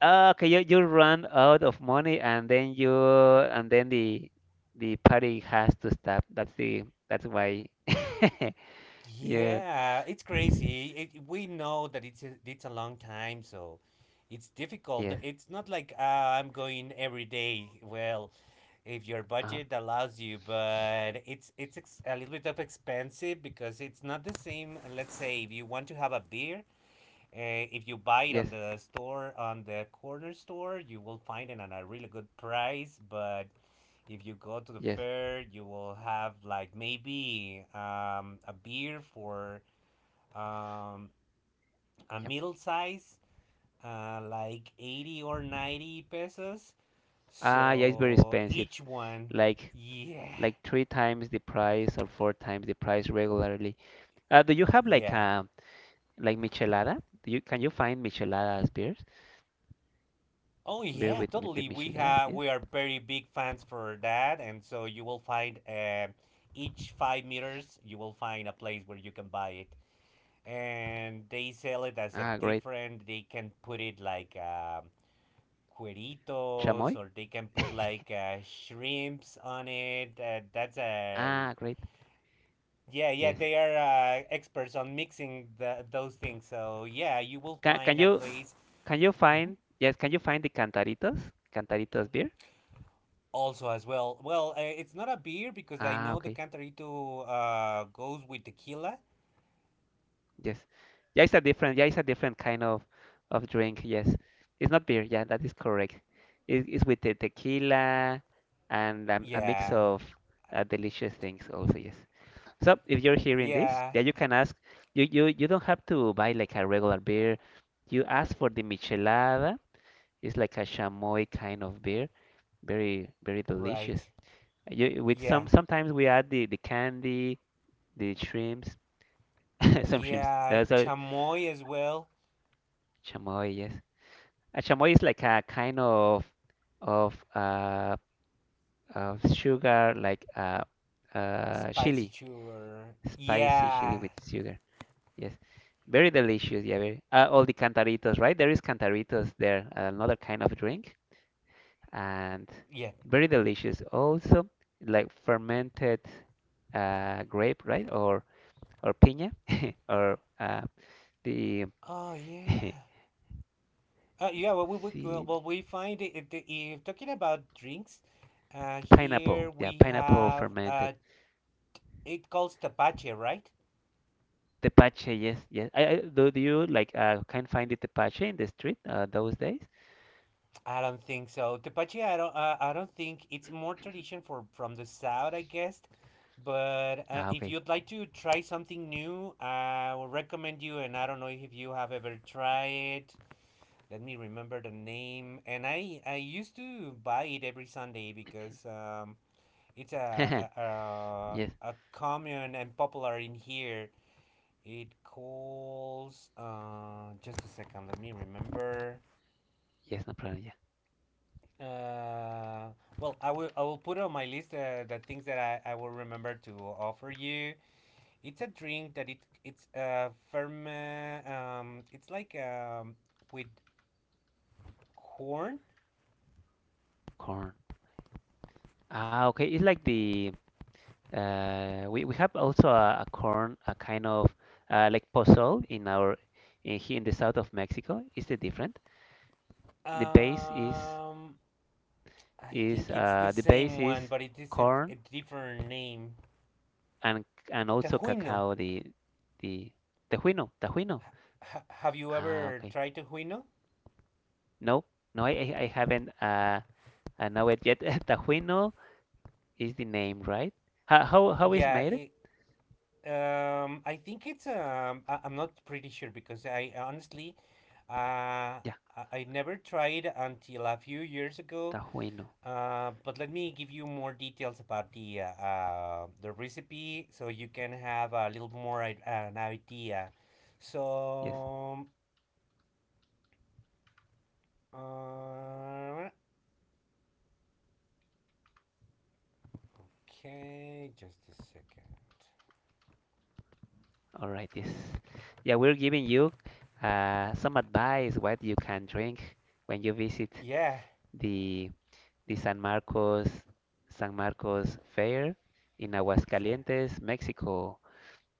[SPEAKER 2] Ah, okay, you you run out of money and then you and then the the party has to stop. That's the that's why. [laughs] Yeah.
[SPEAKER 1] Yeah, it's crazy. It, we know that it's a, it's a long time, so it's difficult.
[SPEAKER 2] Yes.
[SPEAKER 1] It's not like uh, I'm going every day. Well, if your
[SPEAKER 2] Uh-huh.
[SPEAKER 1] budget allows you, but it's it's ex- a little bit of expensive because it's not the same. Let's say if you want to have a beer, uh, if you buy it on
[SPEAKER 2] Yes.
[SPEAKER 1] the store, on the corner store, you will find it at a really good price. But if you go to the
[SPEAKER 2] Yes.
[SPEAKER 1] fair, you will have like maybe um, a beer for um, a
[SPEAKER 2] Yeah.
[SPEAKER 1] middle size, uh, like eighty or ninety pesos.
[SPEAKER 2] Ah, yeah, it's very
[SPEAKER 1] So
[SPEAKER 2] expensive.
[SPEAKER 1] each one,
[SPEAKER 2] Like
[SPEAKER 1] yeah,
[SPEAKER 2] like three times the price or four times the price regularly. Uh, do you have like
[SPEAKER 1] yeah.
[SPEAKER 2] a like michelada? Do you can you find micheladas beers?
[SPEAKER 1] Oh
[SPEAKER 2] Beer
[SPEAKER 1] yeah,
[SPEAKER 2] with mi- the
[SPEAKER 1] totally. We
[SPEAKER 2] michelada?
[SPEAKER 1] have
[SPEAKER 2] Yes.
[SPEAKER 1] we are very big fans for that, and so you will find uh, each five meters you will find a place where you can buy it, and they sell it as a
[SPEAKER 2] Ah, great.
[SPEAKER 1] different. They can put it like um, cueritos,
[SPEAKER 2] Chamoy?
[SPEAKER 1] or they can put
[SPEAKER 2] [laughs]
[SPEAKER 1] like uh, shrimps on it. Uh, that's a
[SPEAKER 2] Ah, great.
[SPEAKER 1] Yeah, yeah.
[SPEAKER 2] Yes.
[SPEAKER 1] They are uh, experts on mixing the, those things. So yeah, you will
[SPEAKER 2] Can can
[SPEAKER 1] find a
[SPEAKER 2] you?
[SPEAKER 1] place.
[SPEAKER 2] Can you find, yes, can you find the Cantaritos? Cantaritos beer?
[SPEAKER 1] Also, as well. Well, uh, it's not a beer because I
[SPEAKER 2] Ah,
[SPEAKER 1] know the
[SPEAKER 2] okay.
[SPEAKER 1] Cantarito uh, goes with tequila.
[SPEAKER 2] Yes. Yeah, it's a different, yeah, it's a different kind of of drink. Yes. It's not beer. Yeah, that is correct. It, it's with the tequila and, um, a mix
[SPEAKER 1] Yeah.
[SPEAKER 2] of, uh, delicious things also, yes. So if you're hearing this,
[SPEAKER 1] Yeah.
[SPEAKER 2] yeah, you can ask. You, you you don't have to buy like a regular beer. You ask for the michelada. It's like a chamoy kind of beer. Very, very delicious.
[SPEAKER 1] Right.
[SPEAKER 2] You, with some
[SPEAKER 1] Yeah.
[SPEAKER 2] sometimes we add the, the candy, the shrimps, [laughs] some shrimps.
[SPEAKER 1] Yeah.
[SPEAKER 2] That's a
[SPEAKER 1] Chamoy as well.
[SPEAKER 2] Chamoy, yes. A chamoy is like a kind of of uh of sugar, like uh uh
[SPEAKER 1] Spicy
[SPEAKER 2] chili,
[SPEAKER 1] chur.
[SPEAKER 2] spicy chili
[SPEAKER 1] Yeah.
[SPEAKER 2] with sugar. Yes, very delicious. Yeah, very. Uh, all the cantaritos, right? There is cantaritos there, another kind of drink, and
[SPEAKER 1] Yeah.
[SPEAKER 2] very delicious. Also, like fermented uh grape, right? Or or piña, [laughs] or uh The
[SPEAKER 1] Oh,
[SPEAKER 2] [laughs]
[SPEAKER 1] yeah. Uh, yeah. Well, we, we well,
[SPEAKER 2] see
[SPEAKER 1] well, we find it, it, if talking about drinks, uh,
[SPEAKER 2] pineapple,
[SPEAKER 1] here
[SPEAKER 2] yeah,
[SPEAKER 1] we
[SPEAKER 2] pineapple
[SPEAKER 1] have
[SPEAKER 2] fermented.
[SPEAKER 1] uh, it calls tapache, right?
[SPEAKER 2] Tepache, yes, yes. I, I, do, do you like, uh, can find the tepache in the street, uh, those days?
[SPEAKER 1] I don't think so. Tepache, I don't, uh, I don't think it's more tradition for from the south, I guess. But uh,
[SPEAKER 2] Ah,
[SPEAKER 1] if
[SPEAKER 2] okay.
[SPEAKER 1] you'd like to try something new, I will recommend you. And I don't know if you have ever tried it. Let me remember the name. And I, I used to buy it every Sunday because um, it's
[SPEAKER 2] [laughs]
[SPEAKER 1] a a, a
[SPEAKER 2] Yes,
[SPEAKER 1] a common and popular in here. It calls. Uh, just a second. Let me remember.
[SPEAKER 2] yes, no problem. Yeah,
[SPEAKER 1] Uh, well, I will I will put on my list uh, the things that I, I will remember to offer you. It's a drink that it it's uh firm um it's like um with corn.
[SPEAKER 2] corn. Ah, okay. It's like the, uh, we we have also a, a corn, a kind of, uh, like pozole in our in here in the south of Mexico. Is it different? The base is
[SPEAKER 1] Um, I
[SPEAKER 2] is
[SPEAKER 1] think it's the
[SPEAKER 2] uh the base
[SPEAKER 1] same one,
[SPEAKER 2] is
[SPEAKER 1] but it is a,
[SPEAKER 2] corn,
[SPEAKER 1] a different name.
[SPEAKER 2] and and also
[SPEAKER 1] Tejuino.
[SPEAKER 2] cacao, the the tejuino, tejuino.
[SPEAKER 1] Ha Have you
[SPEAKER 2] Ah,
[SPEAKER 1] ever
[SPEAKER 2] okay.
[SPEAKER 1] tried tejuino?
[SPEAKER 2] No, no, I I I haven't uh I know it yet. [laughs] Tejuino is the name, right? How how how is
[SPEAKER 1] Yeah,
[SPEAKER 2] made?
[SPEAKER 1] it. Um, I think it's um, I, I'm not pretty sure because I honestly, uh,
[SPEAKER 2] Yeah,
[SPEAKER 1] I I never tried until a few years ago.
[SPEAKER 2] tejuino.
[SPEAKER 1] Uh, but let me give you more details about the uh, uh, the recipe so you can have a little more i- an idea. So,
[SPEAKER 2] Yes.
[SPEAKER 1] um, uh, okay, just a second.
[SPEAKER 2] All right. Yes. Yeah, we're giving you uh some advice what you can drink when you visit
[SPEAKER 1] Yeah,
[SPEAKER 2] the the San Marcos San Marcos Fair in
[SPEAKER 1] fair.
[SPEAKER 2] Aguascalientes, Mexico.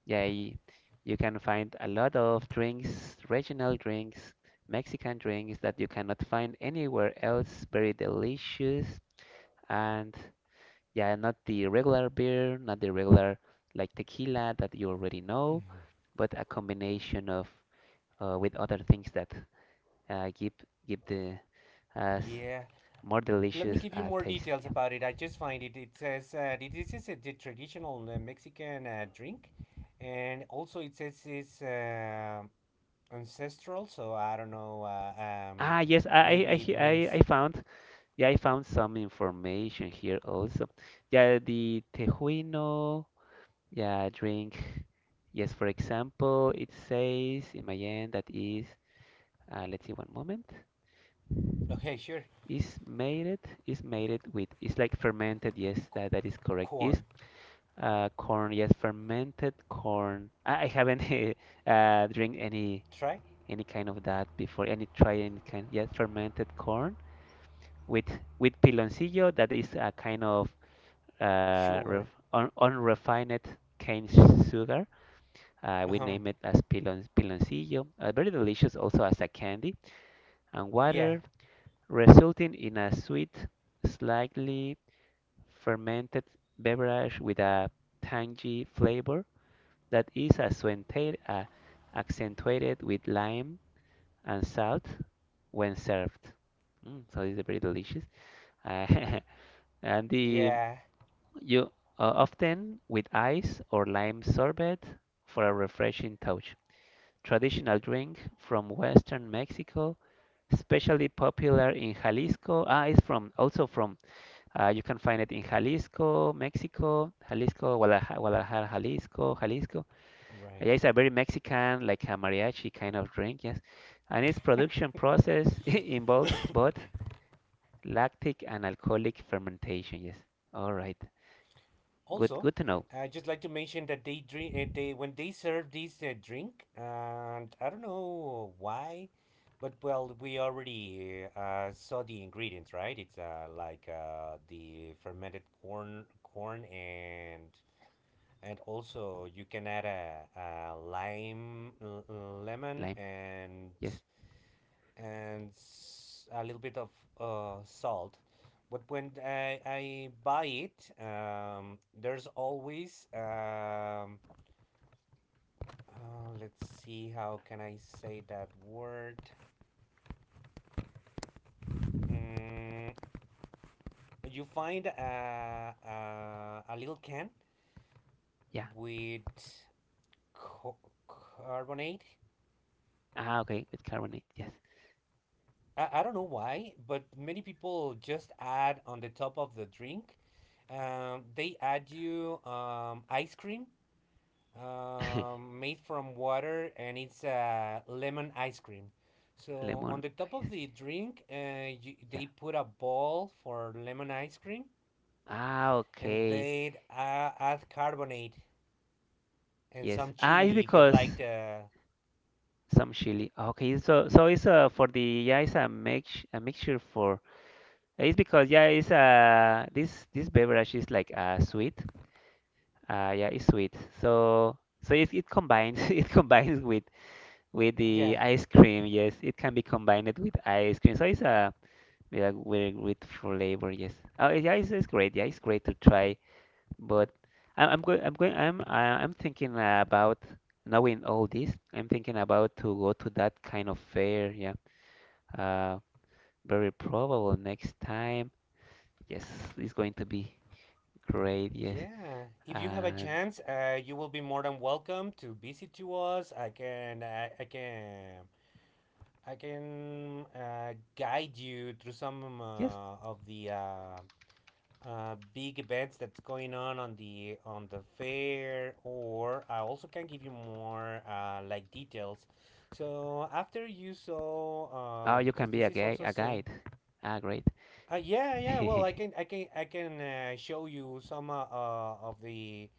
[SPEAKER 2] Yeah, y- you can find a lot of drinks, regional drinks, Mexican drinks that you cannot find anywhere else. Very delicious. And yeah, not the regular beer, not the regular like tequila that you already know, but a combination of uh, with other things that uh, give give the us
[SPEAKER 1] Yeah.
[SPEAKER 2] more
[SPEAKER 1] Let me
[SPEAKER 2] delicious
[SPEAKER 1] give you
[SPEAKER 2] uh,
[SPEAKER 1] more
[SPEAKER 2] taste.
[SPEAKER 1] details
[SPEAKER 2] Yeah.
[SPEAKER 1] about it. I just find it. It says uh, this is a the traditional uh, Mexican uh, drink, and also it says it's uh, ancestral. So I don't know. Uh, um,
[SPEAKER 2] Ah, yes, I I I
[SPEAKER 1] maybe it
[SPEAKER 2] he- I I
[SPEAKER 1] means
[SPEAKER 2] found. Yeah, I found some information here also. Yeah, the Tejuino, yeah, drink. Yes, for example, it says in my end that is, uh, let's see one moment.
[SPEAKER 1] okay, sure.
[SPEAKER 2] Is made it, is made it with, it's like fermented. Yes, that, that is correct. Is
[SPEAKER 1] Corn,
[SPEAKER 2] uh, corn, yes, fermented corn. I, I haven't [laughs] uh, drink any
[SPEAKER 1] try
[SPEAKER 2] any kind of that before, any try any kind, yes, fermented corn with with piloncillo. That is a kind of uh, ref,
[SPEAKER 1] sugar.
[SPEAKER 2] un, unrefined cane sugar. Uh, we
[SPEAKER 1] [laughs] Um,
[SPEAKER 2] name it as pilon, piloncillo, uh, very delicious also as a candy, and
[SPEAKER 1] yeah,
[SPEAKER 2] water, resulting in a sweet, slightly fermented beverage with a tangy flavor that is accentuated, uh, accentuated with lime and salt when served. Mm, so it's very delicious. [laughs] and the
[SPEAKER 1] yeah,
[SPEAKER 2] You uh, often with ice or lime sorbet for a refreshing touch. Traditional drink from Western Mexico, especially popular in Jalisco. Ah, it's from also from uh, you can find it in Jalisco, Mexico, Jalisco, Guadalajara, Guadalajara, Jalisco, Jalisco. Uh,
[SPEAKER 1] right.
[SPEAKER 2] Yeah, it's a very Mexican, like a mariachi kind of drink, yes. And its production process [laughs] involves both lactic and alcoholic fermentation, yes. All right, good,
[SPEAKER 1] Also,
[SPEAKER 2] good to know.
[SPEAKER 1] I just like to mention that they drink. Uh, they when they serve this uh, drink, and I don't know why, but well, we already uh, saw the ingredients, right? It's uh, like uh, the fermented corn, corn, and and also you can add a, a lime, l- lemon,
[SPEAKER 2] Lime.
[SPEAKER 1] and
[SPEAKER 2] Yes.
[SPEAKER 1] and s- a little bit of uh, salt. But when I, I buy it, um, there's always um, uh, let's see how can I say that word. Mm, you find a, a, a little can
[SPEAKER 2] Yeah.
[SPEAKER 1] with co- carbonate.
[SPEAKER 2] Ah, okay, with carbonate. Yes.
[SPEAKER 1] I, I don't know why, but many people just add on the top of the drink. Um, they add you um, ice cream,
[SPEAKER 2] [laughs]
[SPEAKER 1] um, made from water, and it's a uh, lemon ice cream. So on
[SPEAKER 2] Lemon
[SPEAKER 1] the top of
[SPEAKER 2] ice
[SPEAKER 1] the
[SPEAKER 2] cream.
[SPEAKER 1] drink, uh, you,
[SPEAKER 2] Yeah.
[SPEAKER 1] they put a ball for lemon ice cream
[SPEAKER 2] Ah,
[SPEAKER 1] and
[SPEAKER 2] okay.
[SPEAKER 1] they uh, add carbonate and
[SPEAKER 2] Yes.
[SPEAKER 1] some
[SPEAKER 2] Ah, it's
[SPEAKER 1] chili if you'd like
[SPEAKER 2] because
[SPEAKER 1] the.
[SPEAKER 2] some chili. ah, Okay, so so it's uh, for the yeah, it's a mix a mixture for. It's because yeah, it's uh this this beverage is like uh sweet. Uh, yeah, it's sweet. So so it it combines [laughs] it combines with with
[SPEAKER 1] Yeah.
[SPEAKER 2] the ice cream. Yes, it can be combined with ice cream. So it's a with a- with with flavor. Yes. Oh, yeah, it's, it's great. Yeah, it's great to try. But I- I'm going, I'm going, I'm, I- I'm thinking about knowing all this. I'm thinking about to go to that kind of fair. Yeah, uh, very probable next time. Yes, it's going to be great. Yes,
[SPEAKER 1] Yeah, if you have a
[SPEAKER 2] and
[SPEAKER 1] chance, uh, you will be more than welcome to visit to us. I can, I, I can, I can uh, guide you through some
[SPEAKER 2] yes,
[SPEAKER 1] uh, of the uh, uh, big events that's going on on the on the fair, or I also can give you more uh, like details so after you saw uh,
[SPEAKER 2] oh, you
[SPEAKER 1] because
[SPEAKER 2] can be
[SPEAKER 1] this
[SPEAKER 2] a
[SPEAKER 1] is
[SPEAKER 2] guide,
[SPEAKER 1] also
[SPEAKER 2] a
[SPEAKER 1] saying
[SPEAKER 2] guide. Ah, great.
[SPEAKER 1] uh, yeah yeah well, i
[SPEAKER 2] [laughs]
[SPEAKER 1] can i can I can uh, show you some uh, uh, of the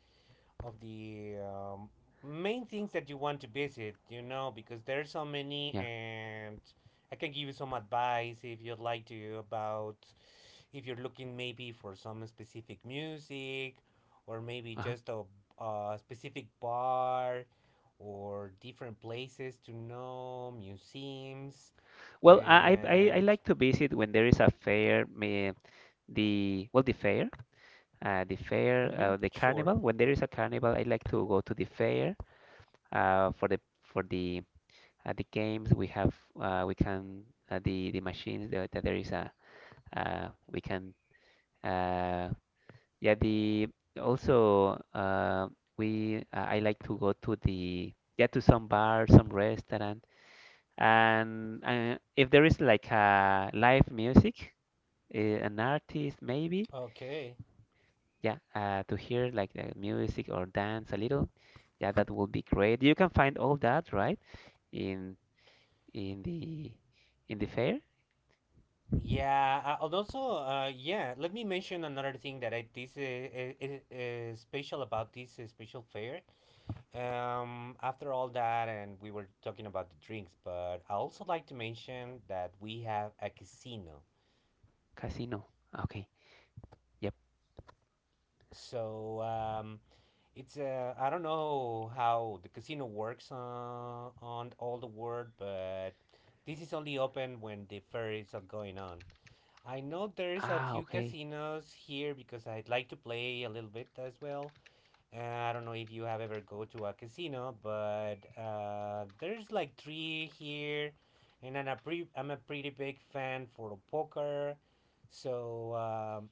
[SPEAKER 1] of the um, main things that you want to visit, you know, because there are so many,
[SPEAKER 2] Yeah.
[SPEAKER 1] and I can give you some advice if you'd like to about if you're looking maybe for some specific music, or maybe
[SPEAKER 2] Uh-huh.
[SPEAKER 1] just a, a specific bar, or different places to know, museums,
[SPEAKER 2] Well, I, I I I
[SPEAKER 1] and.
[SPEAKER 2] like to visit when there is a fair, may, the well the fair, uh, the fair,
[SPEAKER 1] Mm-hmm,
[SPEAKER 2] uh, the
[SPEAKER 1] sure.
[SPEAKER 2] carnival. When there is a carnival, I like to go to the fair uh, for the for the uh, the games we have. Uh, we can uh, the the machines that, that there is a. uh, we can uh, yeah the also uh, we uh, I like to go to the yeah to some bar, some restaurant. And uh, if there is like a live music, uh, an artist maybe.
[SPEAKER 1] Okay.
[SPEAKER 2] Yeah, uh, to hear like the music or dance a little. Yeah, that would be great. You can find all that, right, in in the in the fair.
[SPEAKER 1] Yeah, uh, and also, uh, yeah, let me mention another thing that I this is, is, is special about this uh, special fair. Um, after all that, and we were talking about the drinks, but I also like to mention that we have a casino.
[SPEAKER 2] Casino. Okay. Yep.
[SPEAKER 1] So um, it's uh, I don't know how the casino works uh, on all the world, but this is only open when the fair is uh, going on. I know there's a
[SPEAKER 2] Ah,
[SPEAKER 1] few
[SPEAKER 2] okay.
[SPEAKER 1] casinos here because I'd like to play a little bit as well. Uh, I don't know if you have ever go to a casino, but uh, there's like three here, and I'm a pre- I'm a pretty big fan for poker, so um,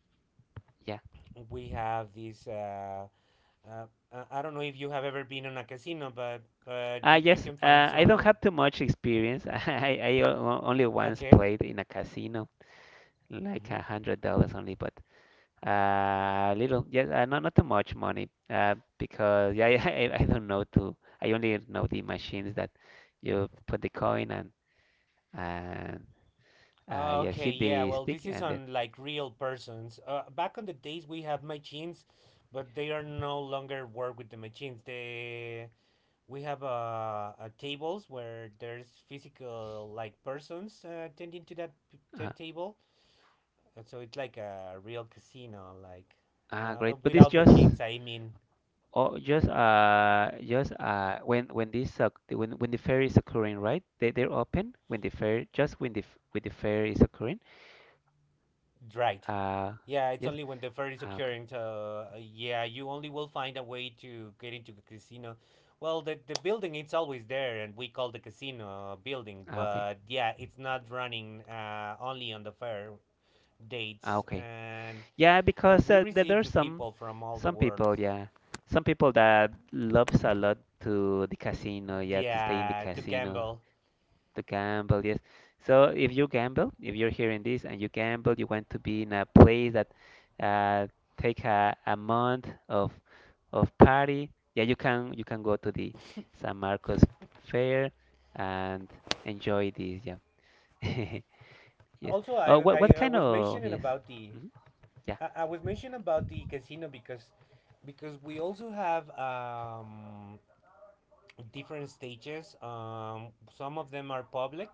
[SPEAKER 2] Yeah.
[SPEAKER 1] we have these. Uh, uh, uh, I don't know if you have ever been on a casino, but but
[SPEAKER 2] Ah,
[SPEAKER 1] you you
[SPEAKER 2] yes.
[SPEAKER 1] can find
[SPEAKER 2] Uh, I don't
[SPEAKER 1] some.
[SPEAKER 2] have too much experience. [laughs] I I o- only once
[SPEAKER 1] Okay.
[SPEAKER 2] played in a casino, like a
[SPEAKER 1] Mm-hmm.
[SPEAKER 2] hundred dollars only, but uh, little. Yes. Uh, not not too much money. Uh, because yeah, [laughs] I I don't know to. I only know the machines that you put the coin and and uh,
[SPEAKER 1] Uh,
[SPEAKER 2] yeah,
[SPEAKER 1] okay,
[SPEAKER 2] hit
[SPEAKER 1] yeah,
[SPEAKER 2] the
[SPEAKER 1] well,
[SPEAKER 2] stick
[SPEAKER 1] this is
[SPEAKER 2] and then.
[SPEAKER 1] on like real persons. Uh, back on the days we have machines, but they are no longer work with the machines. They We have uh, uh tables where there's physical like persons uh, attending to that
[SPEAKER 2] Uh,
[SPEAKER 1] that table. Uh, so it's like a real casino, like
[SPEAKER 2] ah,
[SPEAKER 1] uh,
[SPEAKER 2] great. But it's
[SPEAKER 1] without
[SPEAKER 2] just.
[SPEAKER 1] machines. I mean.
[SPEAKER 2] Oh, just uh, just uh, when when this uh, when when the fair is occurring, right? They they're open when the fair, just when the f- when the fair is occurring.
[SPEAKER 1] Right.
[SPEAKER 2] Uh,
[SPEAKER 1] Yeah, it's
[SPEAKER 2] yes.
[SPEAKER 1] only when the fair is
[SPEAKER 2] Ah, okay.
[SPEAKER 1] occurring. So uh, yeah, you only will find a way to get into the casino. Well, the the building it's always there, and we call the casino uh, building.
[SPEAKER 2] Ah, okay.
[SPEAKER 1] But yeah, it's not running uh, only on the fair
[SPEAKER 2] Ah,
[SPEAKER 1] dates,
[SPEAKER 2] okay.
[SPEAKER 1] and
[SPEAKER 2] Yeah,
[SPEAKER 1] uh,
[SPEAKER 2] because
[SPEAKER 1] we
[SPEAKER 2] uh, there, there are
[SPEAKER 1] receive
[SPEAKER 2] some
[SPEAKER 1] people from all the
[SPEAKER 2] some
[SPEAKER 1] world.
[SPEAKER 2] people, yeah, some people that loves a lot to the casino, yeah, to stay in the
[SPEAKER 1] Yeah, to
[SPEAKER 2] casino.
[SPEAKER 1] gamble.
[SPEAKER 2] To gamble, yes. So if you gamble, if you're hearing this and you gamble, you want to be in a place that uh, take a, a month of of party. Yeah, you can you can go to the San Marcos Fair and enjoy this. Yeah. [laughs] Yes.
[SPEAKER 1] Also,
[SPEAKER 2] Oh,
[SPEAKER 1] I
[SPEAKER 2] what
[SPEAKER 1] I,
[SPEAKER 2] what
[SPEAKER 1] I
[SPEAKER 2] kind
[SPEAKER 1] was
[SPEAKER 2] of
[SPEAKER 1] mentioning
[SPEAKER 2] yes?
[SPEAKER 1] about the
[SPEAKER 2] Hmm. Yeah.
[SPEAKER 1] I, I was mentioning about the casino because because we also have um different stages. Um, some of them are public,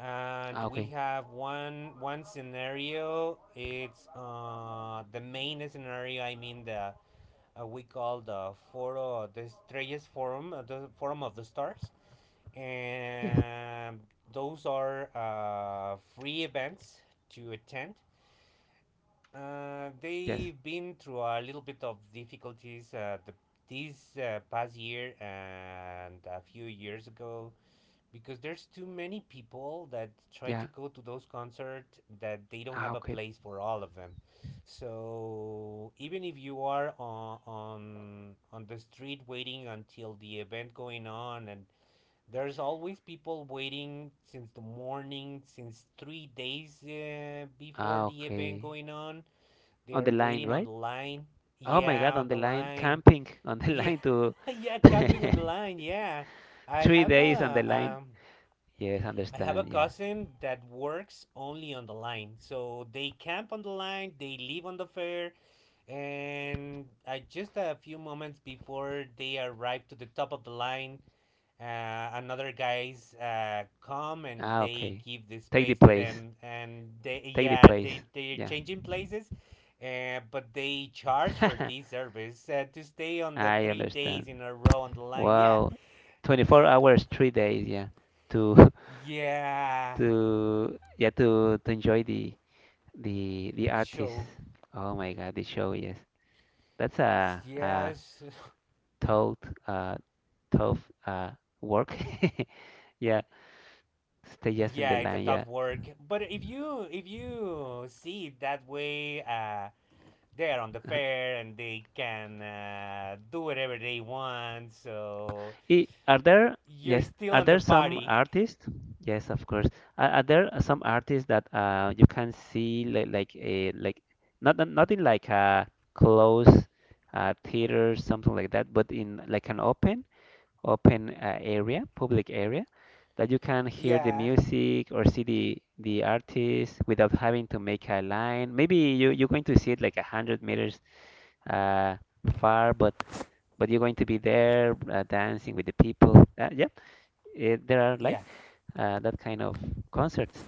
[SPEAKER 1] and
[SPEAKER 2] Ah,
[SPEAKER 1] we
[SPEAKER 2] okay.
[SPEAKER 1] have one one scenario. It's uh, the main scenario. I mean the uh, we call the foro the Estrellas Forum, uh, the Forum of the Stars,
[SPEAKER 2] Yes.
[SPEAKER 1] and those are uh, free events to attend. Uh,
[SPEAKER 2] Yes.
[SPEAKER 1] they've been through a little bit of difficulties uh, the, this uh, past year and a few years ago because there's too many people that try
[SPEAKER 2] Yeah.
[SPEAKER 1] to go to those concerts that they don't
[SPEAKER 2] Ah,
[SPEAKER 1] have a
[SPEAKER 2] okay.
[SPEAKER 1] place for all of them. So even if you are on on, on the street waiting until the event going on, and there's always people waiting since the morning, since three days uh, before
[SPEAKER 2] Ah,
[SPEAKER 1] the event
[SPEAKER 2] okay.
[SPEAKER 1] going on, they
[SPEAKER 2] On
[SPEAKER 1] are
[SPEAKER 2] the line,
[SPEAKER 1] waiting on
[SPEAKER 2] right?
[SPEAKER 1] the line.
[SPEAKER 2] Oh my
[SPEAKER 1] yeah
[SPEAKER 2] God, on
[SPEAKER 1] on
[SPEAKER 2] the
[SPEAKER 1] the
[SPEAKER 2] line,
[SPEAKER 1] line
[SPEAKER 2] camping [laughs] on the
[SPEAKER 1] yeah
[SPEAKER 2] line to.
[SPEAKER 1] [laughs] yeah, camping on the
[SPEAKER 2] [laughs]
[SPEAKER 1] line. Yeah, i
[SPEAKER 2] Three
[SPEAKER 1] have
[SPEAKER 2] days on the
[SPEAKER 1] a
[SPEAKER 2] line.
[SPEAKER 1] um
[SPEAKER 2] Yes,
[SPEAKER 1] I have a
[SPEAKER 2] understand. Yeah.
[SPEAKER 1] cousin that works only on the line. So they camp on the line, they live on the fair, and I just a few moments before they arrive to the top of the line, uh, another guys uh, come and
[SPEAKER 2] Ah,
[SPEAKER 1] they
[SPEAKER 2] okay.
[SPEAKER 1] give the
[SPEAKER 2] Take the
[SPEAKER 1] space to
[SPEAKER 2] place.
[SPEAKER 1] them, and they
[SPEAKER 2] Take the
[SPEAKER 1] yeah
[SPEAKER 2] place.
[SPEAKER 1] they they're
[SPEAKER 2] Yeah.
[SPEAKER 1] changing places. Uh, but they charge for this
[SPEAKER 2] [laughs]
[SPEAKER 1] service uh, to stay on the
[SPEAKER 2] I
[SPEAKER 1] three days
[SPEAKER 2] understand.
[SPEAKER 1] in a row on the line. Yeah,
[SPEAKER 2] Wow. twenty-four hours, three days. Yeah. To [laughs]
[SPEAKER 1] yeah,
[SPEAKER 2] to, yeah, to to enjoy the the the
[SPEAKER 1] the
[SPEAKER 2] artist.
[SPEAKER 1] show.
[SPEAKER 2] Oh my God, the show. Yes. That's a a
[SPEAKER 1] Yes, [laughs]
[SPEAKER 2] tough uh tough uh work. [laughs] Yeah. Stay just in the
[SPEAKER 1] yeah, it's a
[SPEAKER 2] line. Yeah.
[SPEAKER 1] tough work, but if you if you see it that way uh they are on the fair and they can uh, do whatever they want, so
[SPEAKER 2] I- Are there,
[SPEAKER 1] you're
[SPEAKER 2] yes,
[SPEAKER 1] still
[SPEAKER 2] are
[SPEAKER 1] on the
[SPEAKER 2] there some
[SPEAKER 1] party.
[SPEAKER 2] artists? Yes, of course. Are, are there some artists that uh, you can see like like a like not not- not in like a close uh, theater something like that, but in like an open open uh, area, public area, that you can hear the
[SPEAKER 1] Yeah,
[SPEAKER 2] music or see the the artist without having to make a line. Maybe you you're going to see it like a hundred meters uh, far, but but you're going to be there uh, dancing with the people. Uh, yeah, eh, there are like
[SPEAKER 1] yeah.
[SPEAKER 2] uh, that kind of concerts.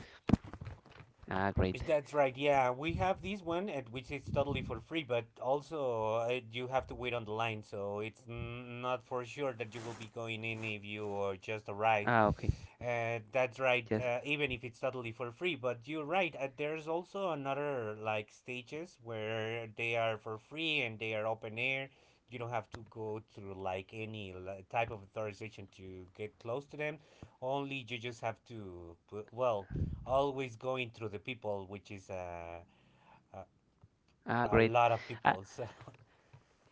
[SPEAKER 2] Ah, great.
[SPEAKER 1] That's right. Yeah, we have this one, at which is totally for free, but also uh, you have to wait on the line, so it's n- not for sure that you will be going in if you uh, just arrive.
[SPEAKER 2] Ah, okay.
[SPEAKER 1] Uh, that's right.
[SPEAKER 2] Yes.
[SPEAKER 1] Uh, even if it's totally for free, but you're right. Uh, there's also another like stages where they are for free and they are open air. You don't have to go through like any li- type of authorization to get close to them. Only you just have to put, well, always going through the people, which is a a,
[SPEAKER 2] Ah,
[SPEAKER 1] a
[SPEAKER 2] great.
[SPEAKER 1] lot of
[SPEAKER 2] Ah,
[SPEAKER 1] people. So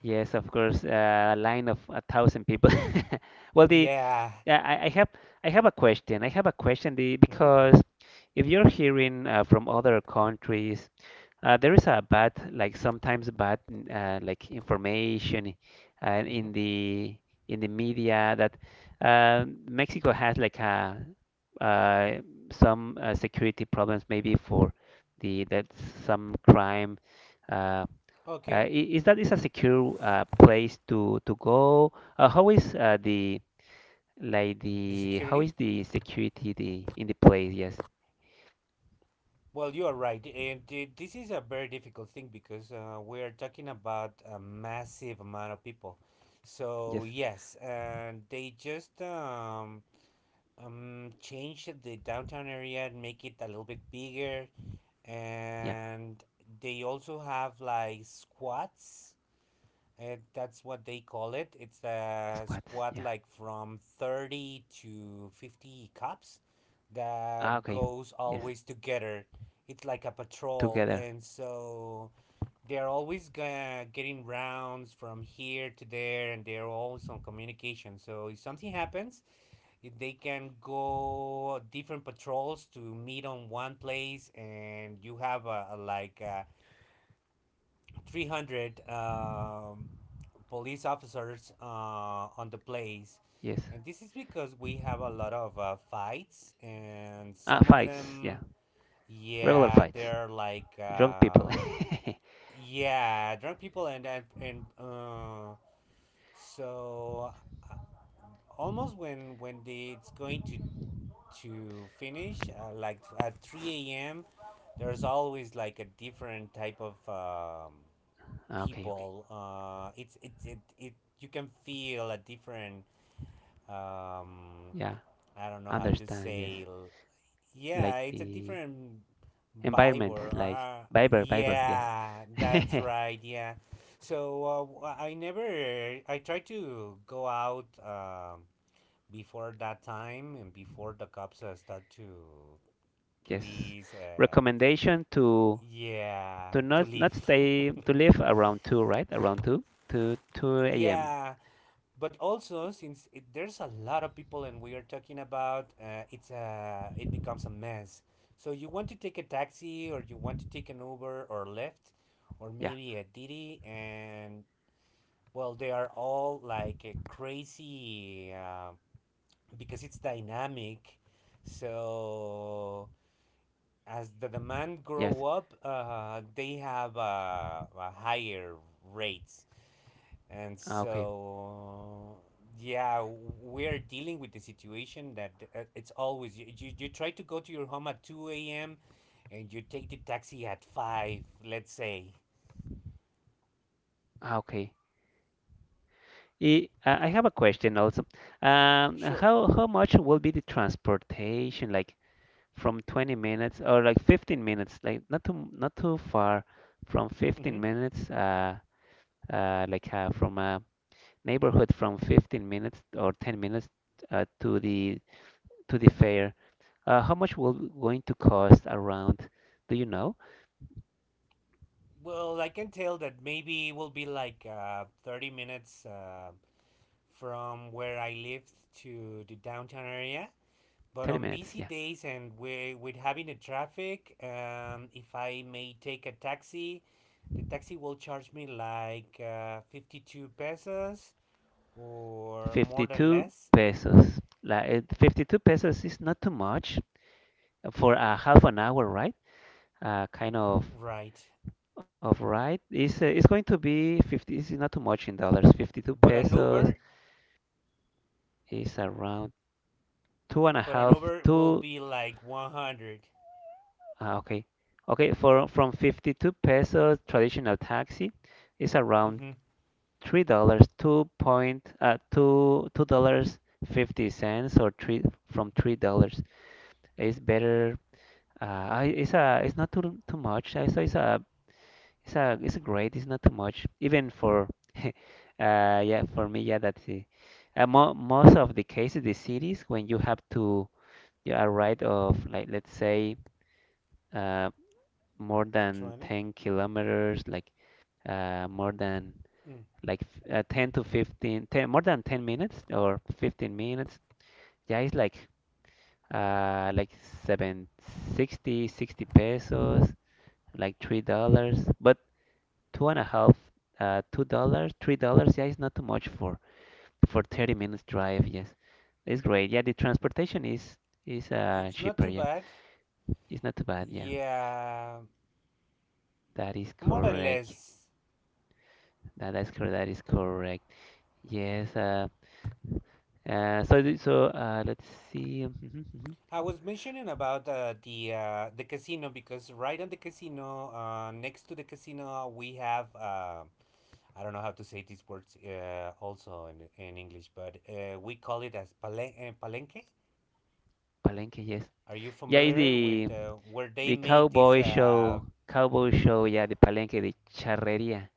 [SPEAKER 2] yes, of course. Uh, a line of a thousand people. [laughs] Well,
[SPEAKER 1] [laughs]
[SPEAKER 2] the
[SPEAKER 1] yeah.
[SPEAKER 2] yeah, I, I have I have a question. I have a question the,
[SPEAKER 1] hmm
[SPEAKER 2] because if you're hearing uh, from other countries, uh, there is a bad, like sometimes bad, n- uh, like information uh,
[SPEAKER 1] hmm
[SPEAKER 2] in the in the media that uh, Mexico has like a uh, some uh, security problems maybe for the that some crime. Uh, uh,
[SPEAKER 1] Okay.
[SPEAKER 2] i- is that is a secure uh, place to to go? Uh, how is uh, the like
[SPEAKER 1] The
[SPEAKER 2] the how
[SPEAKER 1] security.
[SPEAKER 2] is the security the in the place? Yes,
[SPEAKER 1] Well, you are right, and th- this is a very difficult thing because uh, we are talking about a massive amount of people. So
[SPEAKER 2] yes,
[SPEAKER 1] yes, and they just um, um change the downtown area and make it a little bit bigger,
[SPEAKER 2] yeah,
[SPEAKER 1] and they also have like squats. Uh, that's what they call it. It's a
[SPEAKER 2] squats.
[SPEAKER 1] squad
[SPEAKER 2] Yeah.
[SPEAKER 1] like from thirty to fifty cops
[SPEAKER 2] Ah,
[SPEAKER 1] that
[SPEAKER 2] okay.
[SPEAKER 1] goes
[SPEAKER 2] Yes,
[SPEAKER 1] always together. It's like a patrol,
[SPEAKER 2] together.
[SPEAKER 1] and so they're always uh, getting rounds from here to there, and they're always on communication. So if something happens, if they can go different patrols to meet on one place, and you have a, a like a three hundred um, police officers uh, on the place.
[SPEAKER 2] Yes.
[SPEAKER 1] And this is because we have a lot of uh, fights, and
[SPEAKER 2] Ah,
[SPEAKER 1] some of
[SPEAKER 2] fights. Yeah,
[SPEAKER 1] them,
[SPEAKER 2] regular
[SPEAKER 1] yeah,
[SPEAKER 2] fights.
[SPEAKER 1] they're like,
[SPEAKER 2] Drunk people. [laughs]
[SPEAKER 1] um, yeah, drunk people, and and, and uh, so uh, almost when when the, it's going to to finish, uh, like at three a m, there's always like a different type of um,
[SPEAKER 2] Ah, okay, okay.
[SPEAKER 1] people. Uh, it's it, it it you can feel a different um,
[SPEAKER 2] Yeah,
[SPEAKER 1] I don't know how to
[SPEAKER 2] understand. Yes,
[SPEAKER 1] say. l-
[SPEAKER 2] like
[SPEAKER 1] Yeah, it's a
[SPEAKER 2] the
[SPEAKER 1] different vibe
[SPEAKER 2] environment,
[SPEAKER 1] or
[SPEAKER 2] like
[SPEAKER 1] uh,
[SPEAKER 2] Viber, Viber.
[SPEAKER 1] yeah,
[SPEAKER 2] Yes.
[SPEAKER 1] that's
[SPEAKER 2] [laughs]
[SPEAKER 1] right. Yeah, so uh, w- I never. I tried to go out um, before that time and before the cops uh, start to
[SPEAKER 2] Yes.
[SPEAKER 1] please. Uh,
[SPEAKER 2] Recommendation to
[SPEAKER 1] yeah,
[SPEAKER 2] to
[SPEAKER 1] to
[SPEAKER 2] not not
[SPEAKER 1] leave.
[SPEAKER 2] stay to leave around two, right? Around two, to two
[SPEAKER 1] [laughs]
[SPEAKER 2] a.m.
[SPEAKER 1] Yeah, but also since it, there's a lot of people and we are talking about uh, it's a it becomes a mess, so you want to take a taxi or you want to take an Uber or Lyft or
[SPEAKER 2] Yeah.
[SPEAKER 1] maybe a Didi. And well, they are all like uh, crazy uh, because it's dynamic, so as the demand grow
[SPEAKER 2] Yes.
[SPEAKER 1] up uh, they have uh, a higher rates. And
[SPEAKER 2] Ah, okay.
[SPEAKER 1] so, yeah, we're dealing with the situation that uh, it's always you, you, you try to go to your home at two a m and you take the taxi at five, let's say.
[SPEAKER 2] Ah, okay. I uh, I have a question also. Um,
[SPEAKER 1] Sure.
[SPEAKER 2] how how much will be the transportation like from twenty minutes or like fifteen minutes like not too not too far from fifteen
[SPEAKER 1] Mm-hmm.
[SPEAKER 2] minutes uh uh like uh, from a neighborhood from fifteen minutes or ten minutes uh, to the to the fair. Uh, how much will going to cost around? Do you know?
[SPEAKER 1] Well, I can tell that maybe it will be like uh, thirty minutes uh, from where I live to the downtown area. But
[SPEAKER 2] thirty
[SPEAKER 1] on
[SPEAKER 2] minutes,
[SPEAKER 1] busy
[SPEAKER 2] yeah.
[SPEAKER 1] days and we with having the traffic, um, if I may take a taxi, the taxi will charge me like uh, fifty-two pesos or more than
[SPEAKER 2] fifty-two
[SPEAKER 1] less,
[SPEAKER 2] pesos. Like eh, fifty-two pesos is not too much for a half an hour, right? uh, kind of
[SPEAKER 1] right?
[SPEAKER 2] of right. It's uh, it's going to be fifty. This is not too much in dollars. fifty-two
[SPEAKER 1] but an
[SPEAKER 2] pesos
[SPEAKER 1] uber
[SPEAKER 2] is around two and a
[SPEAKER 1] but an
[SPEAKER 2] half.
[SPEAKER 1] uber will
[SPEAKER 2] Two.
[SPEAKER 1] be like one hundred.
[SPEAKER 2] Uh, okay, okay. For From fifty-two pesos traditional taxi is around
[SPEAKER 1] Mm-hmm.
[SPEAKER 2] three dollars. Two point uh, two two dollars fifty cents or three from three dollars. It's better. Uh, I- it's a it's not too too much. I so it's a It's a It's a great. It's not too much, even for [laughs] uh, yeah for me yeah that's it. Uh, mo Most of the cases, the cities when you have to yeah, a ride of like let's say uh, more than
[SPEAKER 1] twenty.
[SPEAKER 2] ten kilometers, like uh, more than
[SPEAKER 1] Mm.
[SPEAKER 2] like f- uh, ten to fifteen, ten more than ten minutes or fifteen minutes. Yeah, it's like uh like seven sixty sixty pesos, like three dollars. But two and a half, uh, two dollars, three dollars. Yeah, it's not too much for for thirty minutes drive. Yes, it's great. Yeah, the transportation is is uh
[SPEAKER 1] It's not
[SPEAKER 2] cheaper.
[SPEAKER 1] too
[SPEAKER 2] Yeah,
[SPEAKER 1] bad.
[SPEAKER 2] it's not too bad. Yeah,
[SPEAKER 1] Yeah,
[SPEAKER 2] that is
[SPEAKER 1] more than
[SPEAKER 2] correct.
[SPEAKER 1] less.
[SPEAKER 2] That's correct. That is correct. Yes. Uh, uh so the- so uh, let's see. Mhm, mhm.
[SPEAKER 1] I was mentioning about uh, the uh, the casino, because right on the casino, uh, next to the casino we have, uh, I don't know how to say these words uh, also in, in English, but uh, we call it as palen- uh, palenque.
[SPEAKER 2] Palenque. Yes.
[SPEAKER 1] Are you
[SPEAKER 2] Yeah, it's
[SPEAKER 1] familiar with
[SPEAKER 2] the
[SPEAKER 1] uh, where they
[SPEAKER 2] the
[SPEAKER 1] made this?
[SPEAKER 2] cowboy
[SPEAKER 1] Uh,
[SPEAKER 2] show. Cowboy show. Yeah, the Palenque, the charreria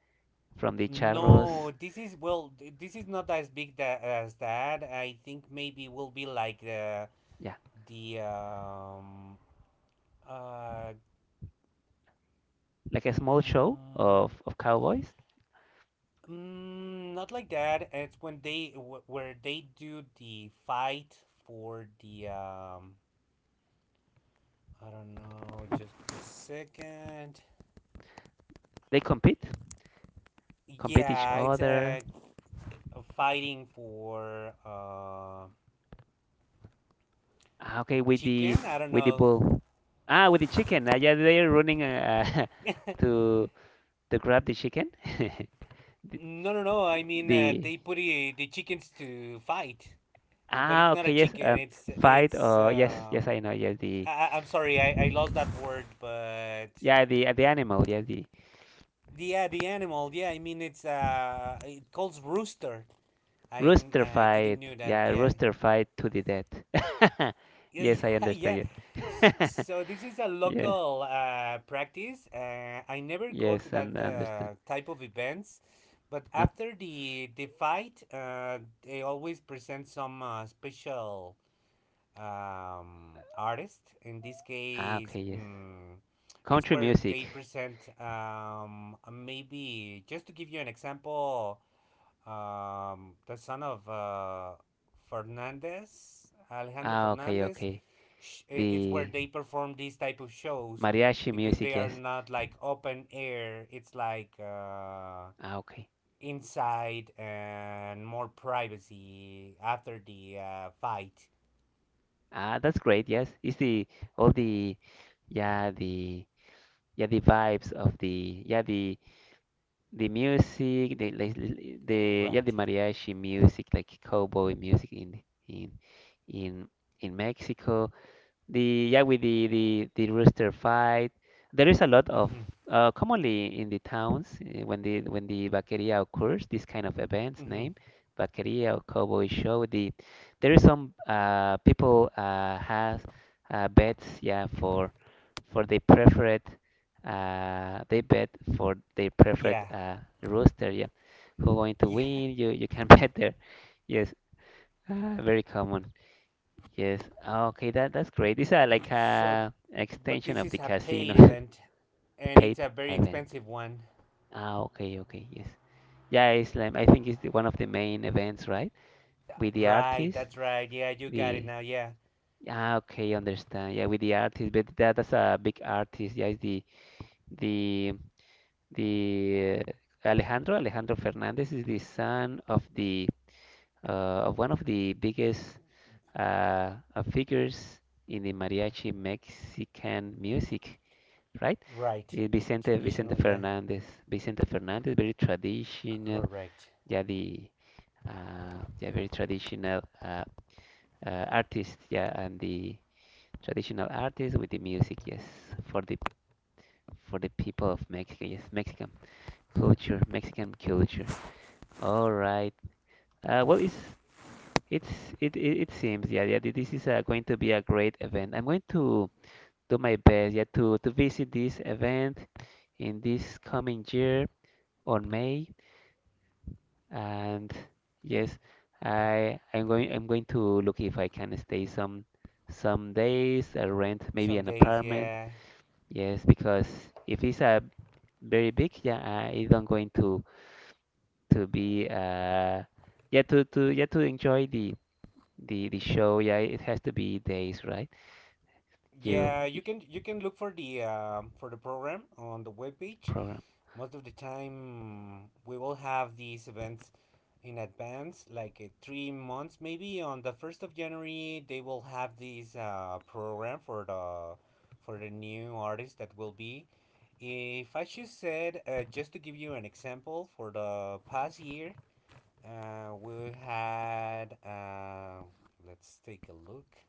[SPEAKER 2] from the
[SPEAKER 1] No,
[SPEAKER 2] charros.
[SPEAKER 1] this is, well, th- this is not as big that, as that. I think maybe will be like the
[SPEAKER 2] Yeah,
[SPEAKER 1] the um uh
[SPEAKER 2] like a small show
[SPEAKER 1] mm,
[SPEAKER 2] of of cowboys.
[SPEAKER 1] mm, not like that. It's when they wh- where they do the fight for the um I don't know. Just a second.
[SPEAKER 2] They compete, compete each
[SPEAKER 1] Yeah, it's uh,
[SPEAKER 2] other.
[SPEAKER 1] fighting for uh,
[SPEAKER 2] Ah, okay, with
[SPEAKER 1] chicken.
[SPEAKER 2] the
[SPEAKER 1] I don't
[SPEAKER 2] with the
[SPEAKER 1] know.
[SPEAKER 2] bull. Ah, with the chicken. Ah, yeah, they're running uh, [laughs]
[SPEAKER 1] [laughs]
[SPEAKER 2] to to grab the chicken. [laughs] The,
[SPEAKER 1] No, no, no. I mean, uh,
[SPEAKER 2] the
[SPEAKER 1] they put i- the chickens to fight, but it's
[SPEAKER 2] Ah,
[SPEAKER 1] not a
[SPEAKER 2] okay, yes.
[SPEAKER 1] chicken.
[SPEAKER 2] Um,
[SPEAKER 1] It's
[SPEAKER 2] fight.
[SPEAKER 1] it's.
[SPEAKER 2] Uh, yes, yes,
[SPEAKER 1] Um,
[SPEAKER 2] I know. Yes,
[SPEAKER 1] I,
[SPEAKER 2] the
[SPEAKER 1] I- I'm sorry. I, I lost that word, but
[SPEAKER 2] yeah, the the animal. Yes, the
[SPEAKER 1] yeah, the animal. Yeah, I mean, it's uh, it calls rooster. I
[SPEAKER 2] rooster
[SPEAKER 1] I didn't
[SPEAKER 2] fight.
[SPEAKER 1] knew that.
[SPEAKER 2] Yeah,
[SPEAKER 1] Yeah.
[SPEAKER 2] rooster fight to the death. [laughs]
[SPEAKER 1] Yeah, [laughs]
[SPEAKER 2] Yes, I
[SPEAKER 1] yeah, yeah.
[SPEAKER 2] understand.
[SPEAKER 1] S-
[SPEAKER 2] Yes,
[SPEAKER 1] So this is a
[SPEAKER 2] [laughs] yes,
[SPEAKER 1] local uh, practice. Uh, I never go to
[SPEAKER 2] yes,
[SPEAKER 1] that
[SPEAKER 2] and I understand.
[SPEAKER 1] uh, type of events, but
[SPEAKER 2] Nope.
[SPEAKER 1] after the the fight, uh, they always present some uh, special um, artist. In this
[SPEAKER 2] Ah,
[SPEAKER 1] case,
[SPEAKER 2] okay, yes.
[SPEAKER 1] mm, it's
[SPEAKER 2] Country
[SPEAKER 1] where they
[SPEAKER 2] music.
[SPEAKER 1] present, um, maybe just to give you an example, um, the son of uh, Fernandez, Alejandro
[SPEAKER 2] Ah, okay,
[SPEAKER 1] Fernandez.
[SPEAKER 2] okay.
[SPEAKER 1] Sh- It's where
[SPEAKER 2] The
[SPEAKER 1] they perform these type of shows
[SPEAKER 2] mariachi
[SPEAKER 1] because
[SPEAKER 2] music,
[SPEAKER 1] they are
[SPEAKER 2] yes.
[SPEAKER 1] not like open air. It's like uh,
[SPEAKER 2] Ah, okay.
[SPEAKER 1] inside and more privacy after the uh, fight.
[SPEAKER 2] Ah, that's great. Yes, it's the all the yeah the yeah the vibes of the yeah the the music, the like, l- the yeah
[SPEAKER 1] Right.
[SPEAKER 2] the mariachi music like cowboy music in in in in Mexico. The yeah, with the the the rooster fight. There is a lot of,
[SPEAKER 1] Mm-hmm.
[SPEAKER 2] uh, commonly in the towns, uh, when the when the vaqueria occurs, this kind of events
[SPEAKER 1] Mm-hmm.
[SPEAKER 2] name vaqueria or cowboy show. The there is some uh, people, uh, has uh, bets, yeah, for for the preferred, uh, they bet for their preferred
[SPEAKER 1] Yeah.
[SPEAKER 2] uh, rooster, yeah, who going to
[SPEAKER 1] Yeah.
[SPEAKER 2] win. You you can [laughs] bet there, yes, uh, very common. Yes. Ah, okay, that that's great. These are
[SPEAKER 1] [laughs]
[SPEAKER 2] like
[SPEAKER 1] So,
[SPEAKER 2] a an
[SPEAKER 1] but
[SPEAKER 2] extension
[SPEAKER 1] this
[SPEAKER 2] of the
[SPEAKER 1] is a
[SPEAKER 2] casino.
[SPEAKER 1] paid event,
[SPEAKER 2] [laughs]
[SPEAKER 1] and it's
[SPEAKER 2] Paid
[SPEAKER 1] a very
[SPEAKER 2] event.
[SPEAKER 1] expensive one.
[SPEAKER 2] Ah, okay, okay, yes. Yeah, it's like, I think it's the, one of the main events, right? With the
[SPEAKER 1] Right.
[SPEAKER 2] artist,
[SPEAKER 1] That's right. Yeah, you got it
[SPEAKER 2] the
[SPEAKER 1] now. Yeah.
[SPEAKER 2] ah, okay, understand. Yeah, with the artist, but that, that's a big artist. Yeah, it's the the the uh, Alejandro Alejandro Fernandez is the son of the uh, of one of the biggest uh, uh, figures in the mariachi Mexican music, right?
[SPEAKER 1] Right.
[SPEAKER 2] Eh, Vicente Vicente
[SPEAKER 1] Traditional, yeah.
[SPEAKER 2] Fernandez, Vicente Fernandez, very
[SPEAKER 1] C-
[SPEAKER 2] traditional,
[SPEAKER 1] Correct.
[SPEAKER 2] yeah, the uh, yeah, very traditional, uh, uh, artist, yeah, and the traditional artist with the music, yes, for the for the people of Mexico, yes, Mexican culture, Mexican culture. All right. Uh, well, it's it's it, it it seems, yeah, yeah. th- This is uh, going to be a great event. I'm going to do my best, yeah, to to visit this event in this coming year on May, and yes, I I'm going I'm going to look if I can stay some some days, uh, rent maybe
[SPEAKER 1] Some
[SPEAKER 2] an
[SPEAKER 1] days,
[SPEAKER 2] apartment.
[SPEAKER 1] yeah.
[SPEAKER 2] Yes, because if it's a very big, yeah, I do not going to to be, uh yeah to to yeah to enjoy the the the show. Yeah, it has to be days, right? You
[SPEAKER 1] Yeah,
[SPEAKER 2] you-
[SPEAKER 1] you can you can look for the um, for the program on the webpage.
[SPEAKER 2] Program.
[SPEAKER 1] Most of the time, we will have these events in advance, like uh, three months maybe. On the first of January, they will have this uh, program for the for the new artists that will be. If I should said, uh, just to give you an example, for the past year, Uh, we had. Uh, let's take a look.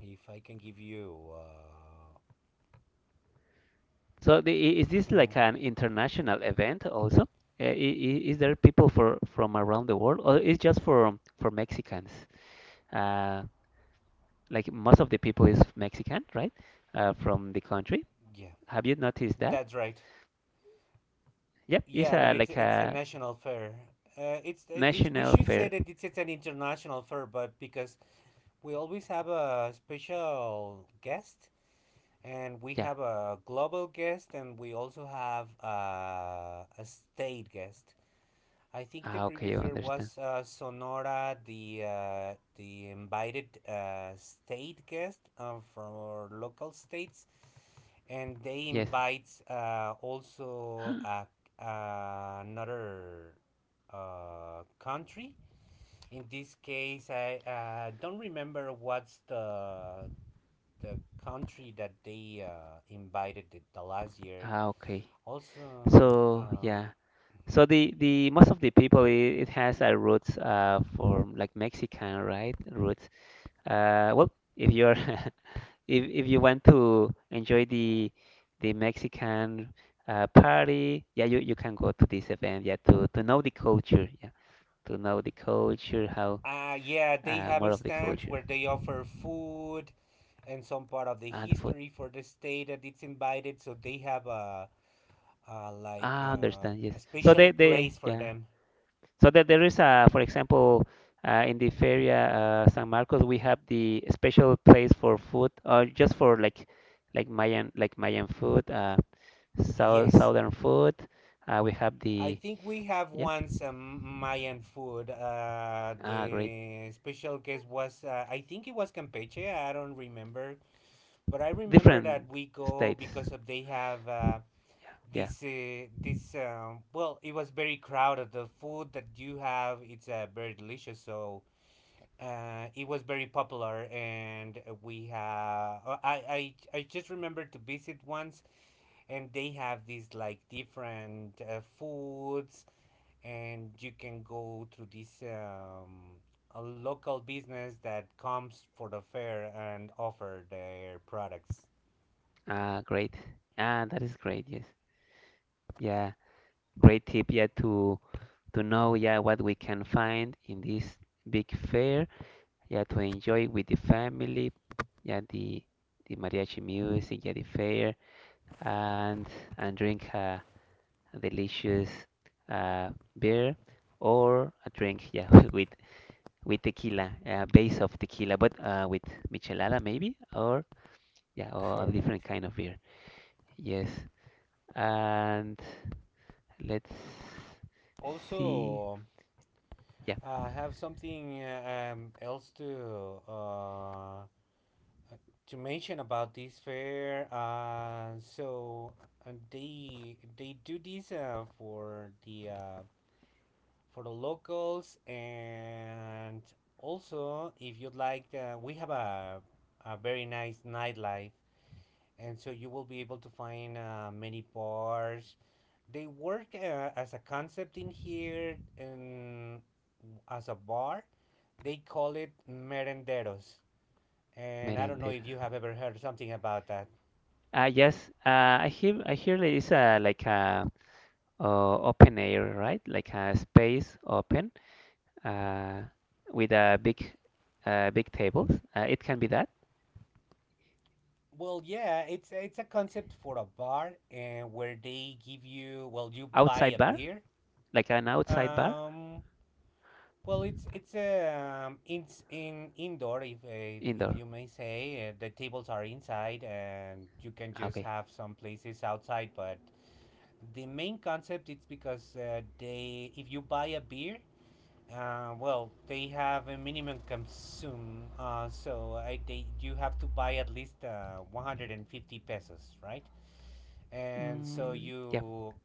[SPEAKER 1] If I can give you. Uh,
[SPEAKER 2] So the, i- is this like
[SPEAKER 1] mm,
[SPEAKER 2] an international event also? Uh, i- i- Is there people for from around the world, or is just for for Mexicans? Uh, like most of the people is Mexican, right? Uh, from the country.
[SPEAKER 1] yeah,
[SPEAKER 2] Have you noticed that?
[SPEAKER 1] that's right.
[SPEAKER 2] Yep, it's
[SPEAKER 1] Yeah, but
[SPEAKER 2] a
[SPEAKER 1] it's
[SPEAKER 2] like
[SPEAKER 1] it's a
[SPEAKER 2] a
[SPEAKER 1] national fair. Uh, it's it's we
[SPEAKER 2] national
[SPEAKER 1] should say
[SPEAKER 2] fair.
[SPEAKER 1] that it's, it's an international fair, but because we always have a special guest, and we
[SPEAKER 2] Yeah.
[SPEAKER 1] have a global guest, and we also have uh, a state guest. I think the
[SPEAKER 2] Ah, okay,
[SPEAKER 1] previous
[SPEAKER 2] I
[SPEAKER 1] year
[SPEAKER 2] understand.
[SPEAKER 1] was uh, Sonora, the uh, the invited uh, state guest uh, from our local states, and they
[SPEAKER 2] Yes.
[SPEAKER 1] invite uh, also a,
[SPEAKER 2] [gasps]
[SPEAKER 1] uh, another uh, country. In this case, I uh, don't remember what's the the country that they uh, invited the, the last year.
[SPEAKER 2] Ah, okay.
[SPEAKER 1] Also,
[SPEAKER 2] So
[SPEAKER 1] um,
[SPEAKER 2] yeah.
[SPEAKER 1] mhm.
[SPEAKER 2] So the the most of the people, it, it has a roots, uh for like Mexican, right? Roots. Uh, well, if you're [laughs] if if you want to enjoy the the Mexican uh, party, yeah, you, you can go to this event, yeah, to, to know the culture, yeah, to know the culture, how,
[SPEAKER 1] Uh, yeah, they
[SPEAKER 2] uh, more
[SPEAKER 1] have
[SPEAKER 2] of the
[SPEAKER 1] stands
[SPEAKER 2] culture
[SPEAKER 1] where they offer food and some part of the
[SPEAKER 2] and food.
[SPEAKER 1] history for the state that it's invited. So they have a, a like
[SPEAKER 2] Ah,
[SPEAKER 1] uh,
[SPEAKER 2] understand, yes.
[SPEAKER 1] a
[SPEAKER 2] So
[SPEAKER 1] special
[SPEAKER 2] they, they
[SPEAKER 1] place for
[SPEAKER 2] yeah.
[SPEAKER 1] them.
[SPEAKER 2] So that there is a, for example, uh, in the Feria, uh, San Marcos, we have the special place for food, or just for like like Mayan, like Mayan food, uh, south,
[SPEAKER 1] Yes,
[SPEAKER 2] southern food. Uh, we have
[SPEAKER 1] I
[SPEAKER 2] the
[SPEAKER 1] think we have
[SPEAKER 2] yeah,
[SPEAKER 1] once um, Mayan food. Uh,
[SPEAKER 2] ah, great.
[SPEAKER 1] the special guest was uh, I think it was Campeche. I don't remember, but I remember
[SPEAKER 2] Different
[SPEAKER 1] that we go
[SPEAKER 2] states.
[SPEAKER 1] because of they have uh,
[SPEAKER 2] Yeah, yeah.
[SPEAKER 1] this uh, this um, well, it was very crowded. The food that you have, it's uh, very delicious, so uh, it was very popular, and we have uh, I, I I just remember to visit once, and they have these like different uh, foods, and you can go to this um, a local business that comes for the fair and offer their products.
[SPEAKER 2] Uh, great. Ah, that is great. Yes. Yeah. Great tip. Yeah, to to know, yeah, what we can find in this big fair. Yeah, to enjoy with the family. Yeah, the the mariachi music. Yeah, the fair and and drink a delicious uh, beer or a drink. Yeah, [laughs] with with tequila, a base of tequila, but uh, with michelada maybe, or yeah, or a different
[SPEAKER 1] Correct.
[SPEAKER 2] kind of beer. Yes, and let's see.
[SPEAKER 1] Also,
[SPEAKER 2] Yeah,
[SPEAKER 1] I have something uh, um, else to uh, to mention about this fair. Uh, so uh, they they do this uh, for the uh, for the locals, and also if you'd like, uh, we have a a very nice nightlife, and so you will be able to find uh, many bars. They work uh, as a concept in here, and as a bar they call it merenderos, and I don't know
[SPEAKER 2] merendero.
[SPEAKER 1] if you have ever heard something about that.
[SPEAKER 2] Ah, yes. Uh, I hear. I hear there is a like a, uh, open air, right? Like a space open, uh, with a big, uh, big tables. Uh, it can be that
[SPEAKER 1] Well, yeah, it's it's a concept for a bar and where they give you, well, you buy
[SPEAKER 2] outside
[SPEAKER 1] a
[SPEAKER 2] bar,
[SPEAKER 1] beer.
[SPEAKER 2] like an outside bar,
[SPEAKER 1] Um, well, it's it's um, it's in indoor if if, if
[SPEAKER 2] indoor.
[SPEAKER 1] you may say uh, the tables are inside, and you can
[SPEAKER 2] Ah,
[SPEAKER 1] just
[SPEAKER 2] okay.
[SPEAKER 1] have some places outside. But the main concept it's because uh, they, if you buy a beer. Uh, well, they have a minimum consume, uh, so I, they, you have to buy at least uh, one hundred fifty pesos, right? And so
[SPEAKER 2] Mm, yeah.
[SPEAKER 1] you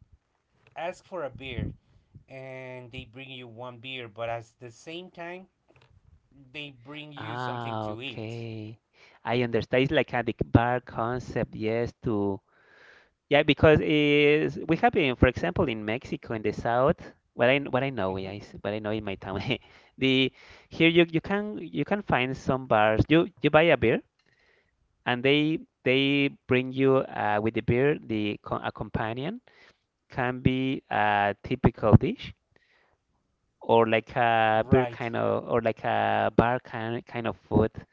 [SPEAKER 1] ask for a beer, and they bring you one beer, but at the same time, they bring you something
[SPEAKER 2] Ah,
[SPEAKER 1] to eat.
[SPEAKER 2] okay. I understand. It's like a big bar concept. Yes, to. Yeah, because is we have in, for example, in Mexico in the south. What I what I know, yeah,
[SPEAKER 1] hmm
[SPEAKER 2] is what I know in my town. [laughs] The Here you you can you can find some bars. You you buy a beer, and they they bring you, uh, with the beer, the co- a companion can be a typical dish, or like a beer
[SPEAKER 1] Right.
[SPEAKER 2] kind of, or like a bar kind kind of food. [laughs]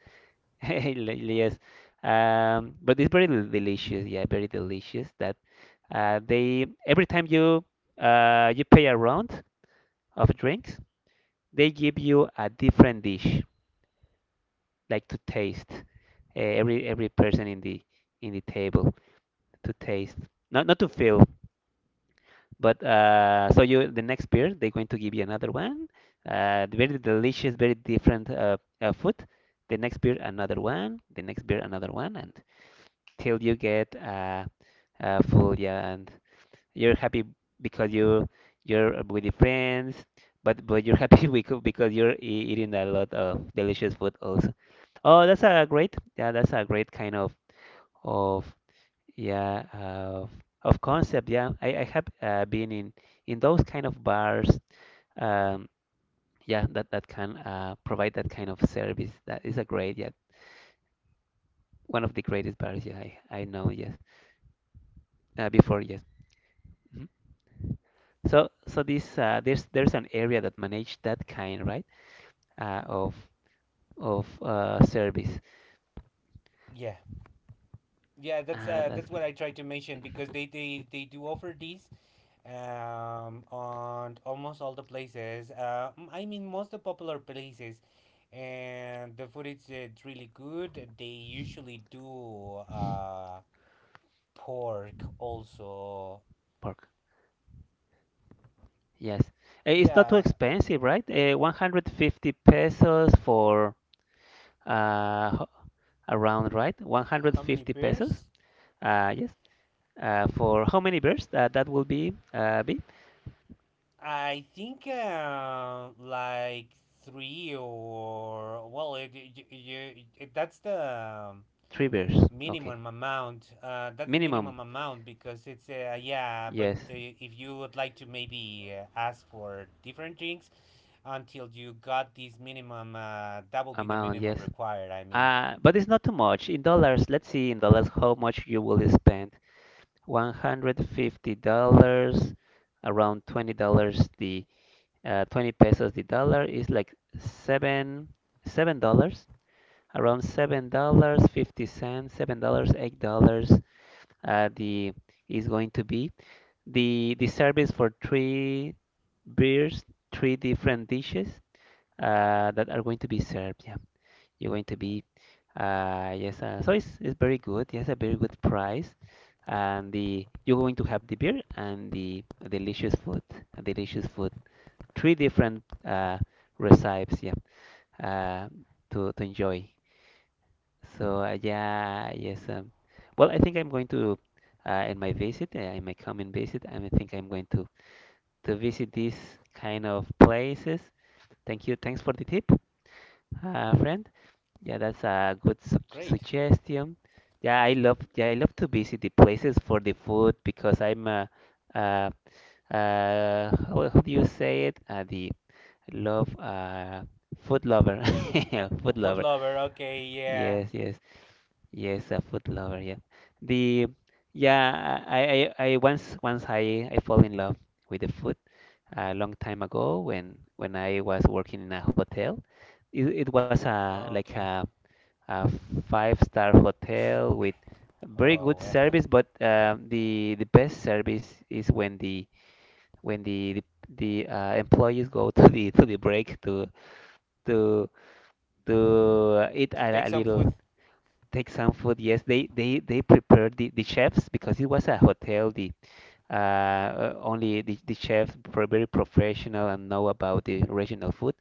[SPEAKER 2] Yes, um, but it's very delicious. Yeah, very delicious. That. Uh, they every time you uh, you pay a round of drinks, they give you a different dish, like to taste. Uh, every every person in the in the table to taste, not not to fill, but, uh, so you the next beer they're going to give you another one. Uh, very delicious, very different, uh, uh, food. The next beer another one. The next beer another one, and till you get, uh, uh, full, yeah. And you're happy because you you're with your friends, but but you're happy, [laughs] becau- because you're e- eating a lot of delicious food also. Oh, that's a great, yeah, that's a great kind of of yeah of of concept. Yeah, I I have uh, been in in those kind of bars. Um, yeah, that that can uh, provide that kind of service. That is a great, yeah, one of the greatest bars. Yeah, I I know. Yes, uh, before, yes. Mhm. So so this, uh, there's there's an area that manage that kind, right? Uh, of of uh, service.
[SPEAKER 1] Yeah. Yeah, that's
[SPEAKER 2] Ah,
[SPEAKER 1] uh,
[SPEAKER 2] that's
[SPEAKER 1] that's what
[SPEAKER 2] great.
[SPEAKER 1] I tried to mention, because they they, they do offer these um on almost all the places uh m- i mean most the popular places, and the food is uh, really good. They usually do uh pork also.
[SPEAKER 2] Pork. Yes. Eh, it's not too
[SPEAKER 1] Yeah.
[SPEAKER 2] expensive, right? Uh, one hundred fifty pesos for, uh, ho- around, right?
[SPEAKER 1] How many
[SPEAKER 2] one hundred fifty pesos.
[SPEAKER 1] beers?
[SPEAKER 2] Uh, yes. Uh, for how many bears? Uh, that will be uh, be
[SPEAKER 1] I think uh like three, or well, it, you, you, it that's the um,
[SPEAKER 2] three bears. Okay.
[SPEAKER 1] minimum amount. Uh, that's the
[SPEAKER 2] Minimum.
[SPEAKER 1] minimum amount, because it's uh, yeah. But
[SPEAKER 2] Yes.
[SPEAKER 1] uh, if you would like to maybe uh, ask for different drinks until you got this minimum, uh, that will be the
[SPEAKER 2] Amount.
[SPEAKER 1] minimum
[SPEAKER 2] Yes.
[SPEAKER 1] required. I mean,
[SPEAKER 2] Uh, but it's not too much. In dollars, let's see in dollars how much you will spend. one hundred fifty dollars around twenty dollars the. Uh, twenty pesos the dollar is like seven seven dollars, around seven dollars fifty cents, seven dollars, eight dollars, uh, the is going to be the the service for three beers, three different dishes, uh, that are going to be served, yeah, you're going to be, uh, yes, uh, so it's, it's very good, yes, a very good price, and the you're going to have the beer and the delicious food, delicious food, three different uh, recipes, yeah, uh, to to enjoy. So uh, yeah, yes. Um, well, I think I'm going to uh, in my visit, uh, in my coming visit, I think I'm going to to visit these kind of places. Thank you. Thanks for the tip, uh, friend. Yeah, that's a good su
[SPEAKER 1] great.
[SPEAKER 2] suggestion. Yeah, I love yeah I love to visit the places for the food because I'm a, uh uh, how, how do you say it? Uh, the love, uh, food lover,
[SPEAKER 1] L-
[SPEAKER 2] [laughs] food
[SPEAKER 1] Food
[SPEAKER 2] lover.
[SPEAKER 1] lover. Okay, yeah.
[SPEAKER 2] Yes, yes, yes, a food lover. Yeah, the yeah, I I, I once once I I fall in love with the food a long time ago when when I was working in a hotel. It, it was a like
[SPEAKER 1] Okay.
[SPEAKER 2] a a five star hotel with very
[SPEAKER 1] Oh
[SPEAKER 2] good
[SPEAKER 1] well.
[SPEAKER 2] service, but um, the the best service is when the when the the, the uh, employees go [laughs] to the to the break to to to eat
[SPEAKER 1] [laughs] To
[SPEAKER 2] a,
[SPEAKER 1] take
[SPEAKER 2] a
[SPEAKER 1] some food.
[SPEAKER 2] little, take some food. Yes, they they they prepared, the, the chefs, because it was a hotel. The uh, uh, only, the, the chefs were very professional and know about the regional food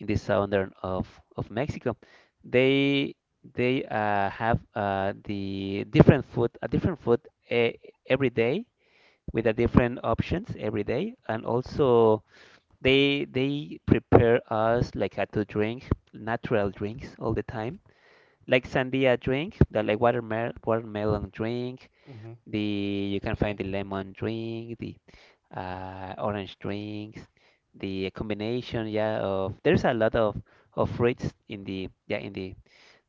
[SPEAKER 2] in the southern of of Mexico. They they uh, have, uh, the different food, a different food, uh, every day with a different options every day. And also, They they prepare us like, uh, to drink natural drinks all the time, like sandia drink, the like watermel watermelon drink.
[SPEAKER 1] Mm-hmm.
[SPEAKER 2] The You can
[SPEAKER 1] Okay.
[SPEAKER 2] find the lemon drink, the uh, orange drinks, the combination, yeah, of, there's a lot of of fruits in the yeah in the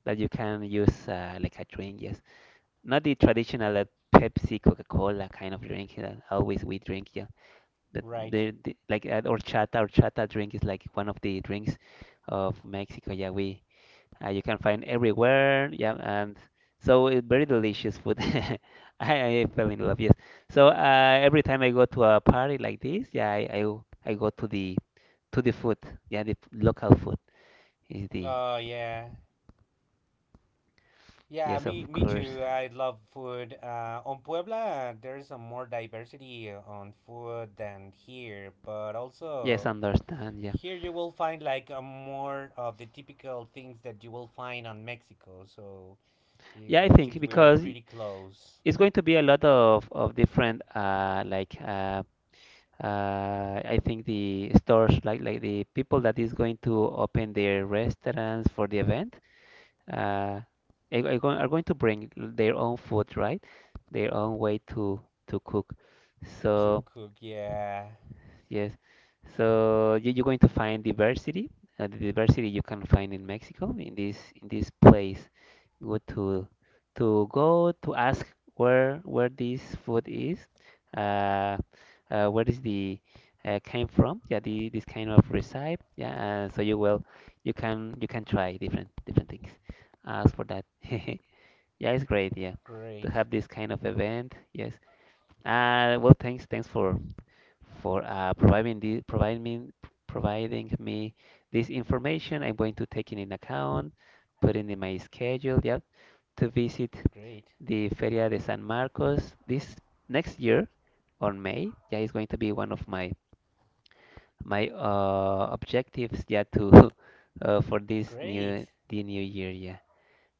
[SPEAKER 2] that you can use, uh, like a drink, yes, not the traditional, uh, Pepsi, Coca-Cola kind of drink that always we drink, yeah, that
[SPEAKER 1] Right.
[SPEAKER 2] they, they like, uh, horchata, horchata drink is like one of the drinks of Mexico. Yeah, we, uh, you can find everywhere, yeah, and so it's very delicious food. [laughs] I, I fell in love, yes. So, uh, every time I go to a party like this, yeah, I, I w- I go to the to the food, yeah, the p- local food is the.
[SPEAKER 1] Oh yeah. Yeah,
[SPEAKER 2] Yes,
[SPEAKER 1] me
[SPEAKER 2] of
[SPEAKER 1] me
[SPEAKER 2] course,
[SPEAKER 1] too. I love food. Uh, on Puebla, there's a more diversity on food than here, but
[SPEAKER 2] yes,
[SPEAKER 1] also
[SPEAKER 2] understand, yeah,
[SPEAKER 1] here you will find like a more of the typical things that you will find on Mexico. So it,
[SPEAKER 2] yeah, I
[SPEAKER 1] would-
[SPEAKER 2] think
[SPEAKER 1] since we are
[SPEAKER 2] because
[SPEAKER 1] pretty close
[SPEAKER 2] it's going to be a lot of of different, uh like uh uh, I think the stores, like like the people that is going to open their restaurants for the event, uh, are, are going are going to bring their own food, right? Their own way to to cook.
[SPEAKER 1] to
[SPEAKER 2] So.
[SPEAKER 1] cook, yeah,
[SPEAKER 2] Yes. So you, you're going to find diversity, uh, the diversity you can find in Mexico, in this in this place. Go to to go to ask where where this food is, uh, uh, where is the uh, came from? Yeah, the, this kind of recipe. Yeah, uh, so you will you can you can try different different things. Ask for that. [laughs] Yeah, it's great. Yeah, to
[SPEAKER 1] great,
[SPEAKER 2] have this kind of event. Yes. Uh, well, thanks thanks for for uh, providing the, providing providing me this information. I'm going to take it in account, put it in my schedule. Yep, to visit
[SPEAKER 1] great,
[SPEAKER 2] the Feria de San Marcos this next year on May. Yeah, it's going to be one of my my uh, objectives. Yeah, to [laughs] uh, for this
[SPEAKER 1] great.
[SPEAKER 2] new the new year. Yeah,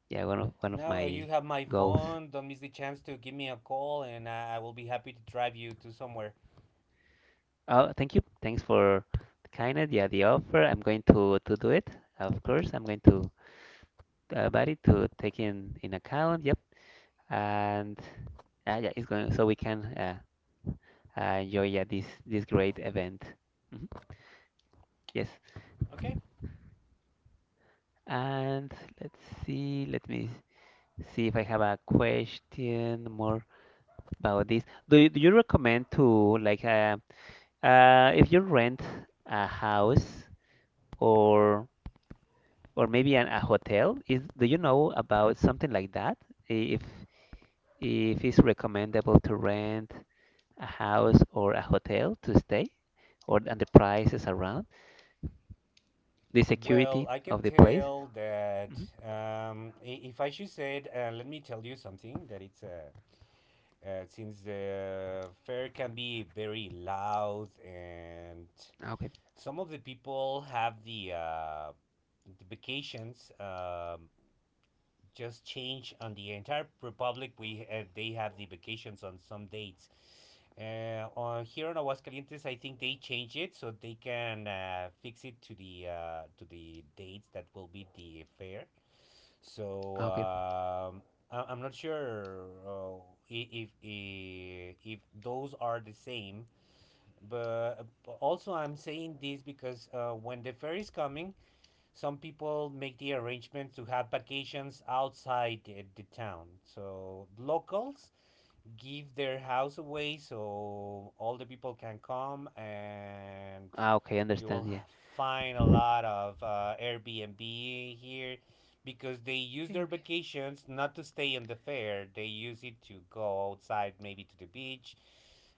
[SPEAKER 2] yeah, one of one of
[SPEAKER 1] Now
[SPEAKER 2] my
[SPEAKER 1] you have my
[SPEAKER 2] goals.
[SPEAKER 1] phone. Don't miss the chance to give me a call, and I I will be happy to drive you to somewhere.
[SPEAKER 2] Oh, thank you. Thanks for kind of, yeah, the offer. I'm going to to do it. Of course, I'm going to the body to take in in account. Yep, and uh, yeah, it's going, so we can uh, uh, enjoy, yeah, this this great event. Mhm. Yes,
[SPEAKER 1] Okay.
[SPEAKER 2] and let's see. Let me see if I have a question more about this. Do you, do you recommend to, like, uh, uh, if you rent a house or or maybe an, a hotel? Is Do you know about something like that? I- If if it's recommendable to rent a house or a hotel to stay, or and the prices around, the
[SPEAKER 1] Well,
[SPEAKER 2] security
[SPEAKER 1] I can
[SPEAKER 2] of the places.
[SPEAKER 1] tell that
[SPEAKER 2] Hmm.
[SPEAKER 1] um, i- if I should say, it, uh, let me tell you something that it's uh, uh, since the fair can be very loud, and
[SPEAKER 2] Okay.
[SPEAKER 1] some of the people have the uh, the vacations um, just change on the entire republic. We uh, they have the vacations on some dates. Uh, on here in Aguascalientes, I think they change it so they can uh, fix it to the uh, to the dates that will be the fair. So
[SPEAKER 2] Ah, okay.
[SPEAKER 1] um, I- I'm not sure uh, i- if, if if those are the same. But but also, I'm saying this because uh, when the fair is coming, some people make the arrangements to have vacations outside the, the town. So locals give their house away, so all the people can come, and
[SPEAKER 2] Ah, okay,
[SPEAKER 1] you will
[SPEAKER 2] understand. Yeah,
[SPEAKER 1] find a lot of uh, Airbnb here because they use their vacations not to stay in the fair. They use it to go outside, maybe to the beach,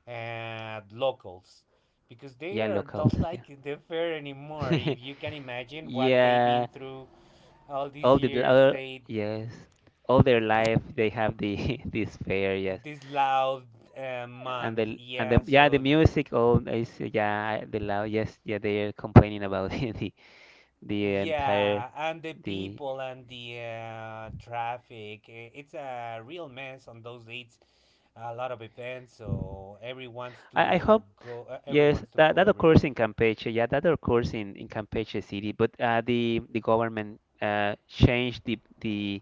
[SPEAKER 1] and locals, because they
[SPEAKER 2] yeah,
[SPEAKER 1] are [laughs]
[SPEAKER 2] locals.
[SPEAKER 1] don't
[SPEAKER 2] Yeah,
[SPEAKER 1] like the fair anymore. If you can
[SPEAKER 2] [laughs]
[SPEAKER 1] imagine what they've been
[SPEAKER 2] yeah.
[SPEAKER 1] through all these
[SPEAKER 2] All the
[SPEAKER 1] years,
[SPEAKER 2] all,
[SPEAKER 1] they
[SPEAKER 2] yes, all their life they have the [laughs] this fair. Yes,
[SPEAKER 1] this loud uh,
[SPEAKER 2] and
[SPEAKER 1] month,
[SPEAKER 2] the and the
[SPEAKER 1] yeah.
[SPEAKER 2] yeah the
[SPEAKER 1] So
[SPEAKER 2] music. All is yeah the loud. Yes, yeah, they are complaining about [laughs] the the entire
[SPEAKER 1] yeah, and the
[SPEAKER 2] the.
[SPEAKER 1] people and the uh, traffic. i- It's a real mess on those dates. A lot of events, so everyone's
[SPEAKER 2] I, I
[SPEAKER 1] to
[SPEAKER 2] hope
[SPEAKER 1] go. Uh,
[SPEAKER 2] Yes,
[SPEAKER 1] everyone's to
[SPEAKER 2] that,
[SPEAKER 1] go
[SPEAKER 2] that occurs
[SPEAKER 1] everywhere.
[SPEAKER 2] in Campeche. Yeah, that occurs in, in Campeche City. But uh, the the government uh, changed the, the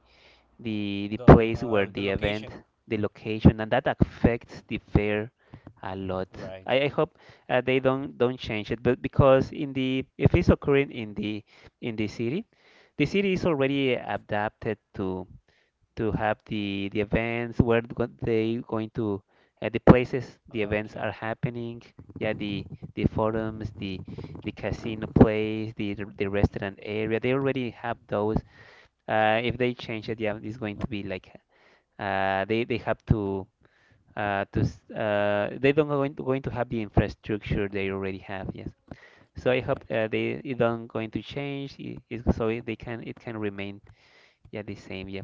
[SPEAKER 2] the the
[SPEAKER 1] The
[SPEAKER 2] place
[SPEAKER 1] uh,
[SPEAKER 2] where
[SPEAKER 1] the
[SPEAKER 2] the event,
[SPEAKER 1] location.
[SPEAKER 2] the location, and that affects the fair a lot.
[SPEAKER 1] Right.
[SPEAKER 2] I, I hope uh, they don't don't change it. But because in the if it's occurring in the in the city, the city is already adapted to to have the the events where go- they going to uh, the places the events
[SPEAKER 1] Okay.
[SPEAKER 2] are happening, yeah, the the forums, the the casino place, the r- the restaurant area, they already have those. Uh, if they change it, yeah, it's going to be like uh, they they have to uh, to s- uh, they don't going to, going to have the infrastructure they already have, yes. So I hope
[SPEAKER 1] Right.
[SPEAKER 2] uh, they it don't going to change it, it, so it, they can it can remain yeah the same, yeah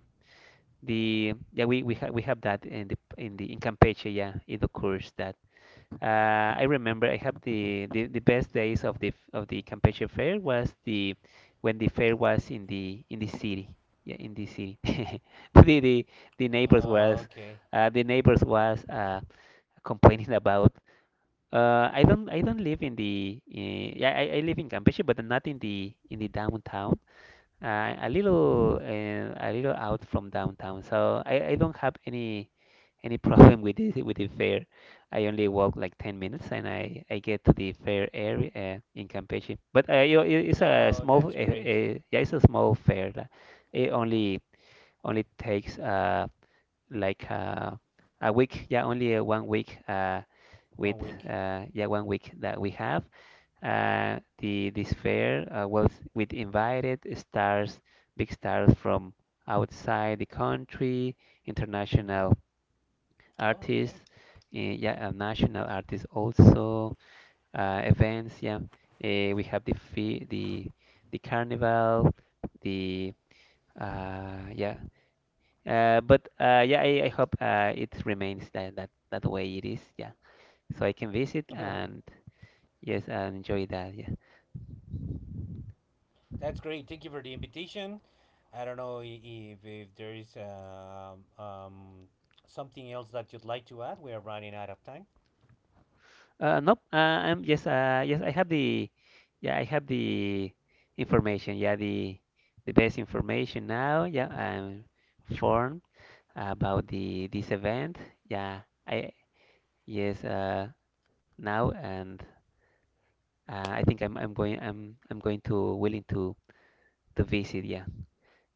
[SPEAKER 2] the yeah we we have we have that in the in the in Campeche, yeah it occurs that. uh, I remember I have the, the the best days of the f- of the Campeche fair was the when the fair was in the in the city, yeah in the city. [laughs] But the the, the neighbors was
[SPEAKER 1] Okay.
[SPEAKER 2] uh, the neighbors was uh, complaining about. uh, I don't, I don't live in the uh, yeah I, I live in Campeche but not in the in the downtown, uh, a little uh, a little out from downtown, so I, I don't have any any [laughs] problem with the with the fair. I only walk like ten minutes and I, I get to the fair area uh, in Campeche. But uh, you- it- it's a
[SPEAKER 1] Oh,
[SPEAKER 2] small uh, uh,
[SPEAKER 1] that's great.
[SPEAKER 2] yeah, it's a small fair. uh, It only only takes uh like uh, a week, yeah, only uh, one week uh
[SPEAKER 1] One
[SPEAKER 2] with
[SPEAKER 1] week.
[SPEAKER 2] uh yeah, one week that we have uh, the this fair uh, was with invited stars, big stars from outside the country,
[SPEAKER 1] hmm
[SPEAKER 2] international artists,
[SPEAKER 1] Okay.
[SPEAKER 2] uh, yeah, and national artists also. Uh, events, yeah. Uh, we have the fe the the carnival, the uh, yeah. Uh, but uh, yeah, I, I hope uh, it remains that, that that way it is. Yeah, so I can visit
[SPEAKER 1] [laughs]
[SPEAKER 2] and yes, and enjoy that. Yeah.
[SPEAKER 1] That's great. Thank you for the invitation. I don't know i- if, if there is um, um, something else that you'd like to add. We are running out of time.
[SPEAKER 2] Uh, nope. Uh, I'm yes. Uh, yes, I have the. Yeah, I have the information. Yeah, the the best information now. Yeah, I'm informed about the this event. Yeah, I yes. Uh, now and uh, I think I'm I'm going I'm I'm going to willing to to visit. Yeah.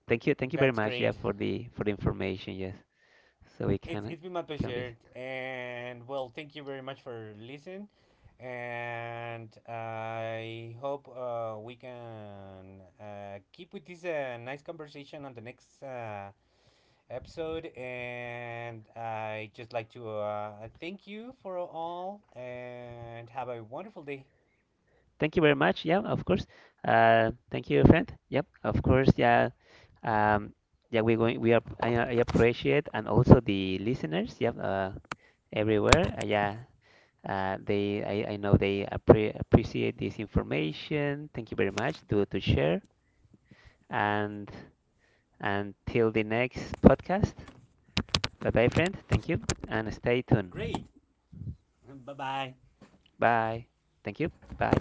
[SPEAKER 2] Thank you. Thank you very
[SPEAKER 1] That's
[SPEAKER 2] much. Yeah,
[SPEAKER 1] great.
[SPEAKER 2] for the for the information. Yes. So we can
[SPEAKER 1] It's, it's been my
[SPEAKER 2] we can visit.
[SPEAKER 1] pleasure. And well, thank you very much for listening. And I hope uh, we can uh, keep with this uh, nice conversation on the next uh, episode, and I just like to uh, thank you for all and have a wonderful day.
[SPEAKER 2] Thank you very much. Yeah, of course. Uh, thank you, friend. Yep, of course. Yeah, um, yeah, we're going. We are. I, I appreciate and also the listeners. Yep, uh, everywhere. Uh, yeah, uh, they. I, I know they appre appreciate this information. Thank you very much to to share. And until the next podcast. Bye bye, friend. Thank you, and stay
[SPEAKER 1] Great.
[SPEAKER 2] tuned.
[SPEAKER 1] Bye bye.
[SPEAKER 2] Bye. Thank you. Bye.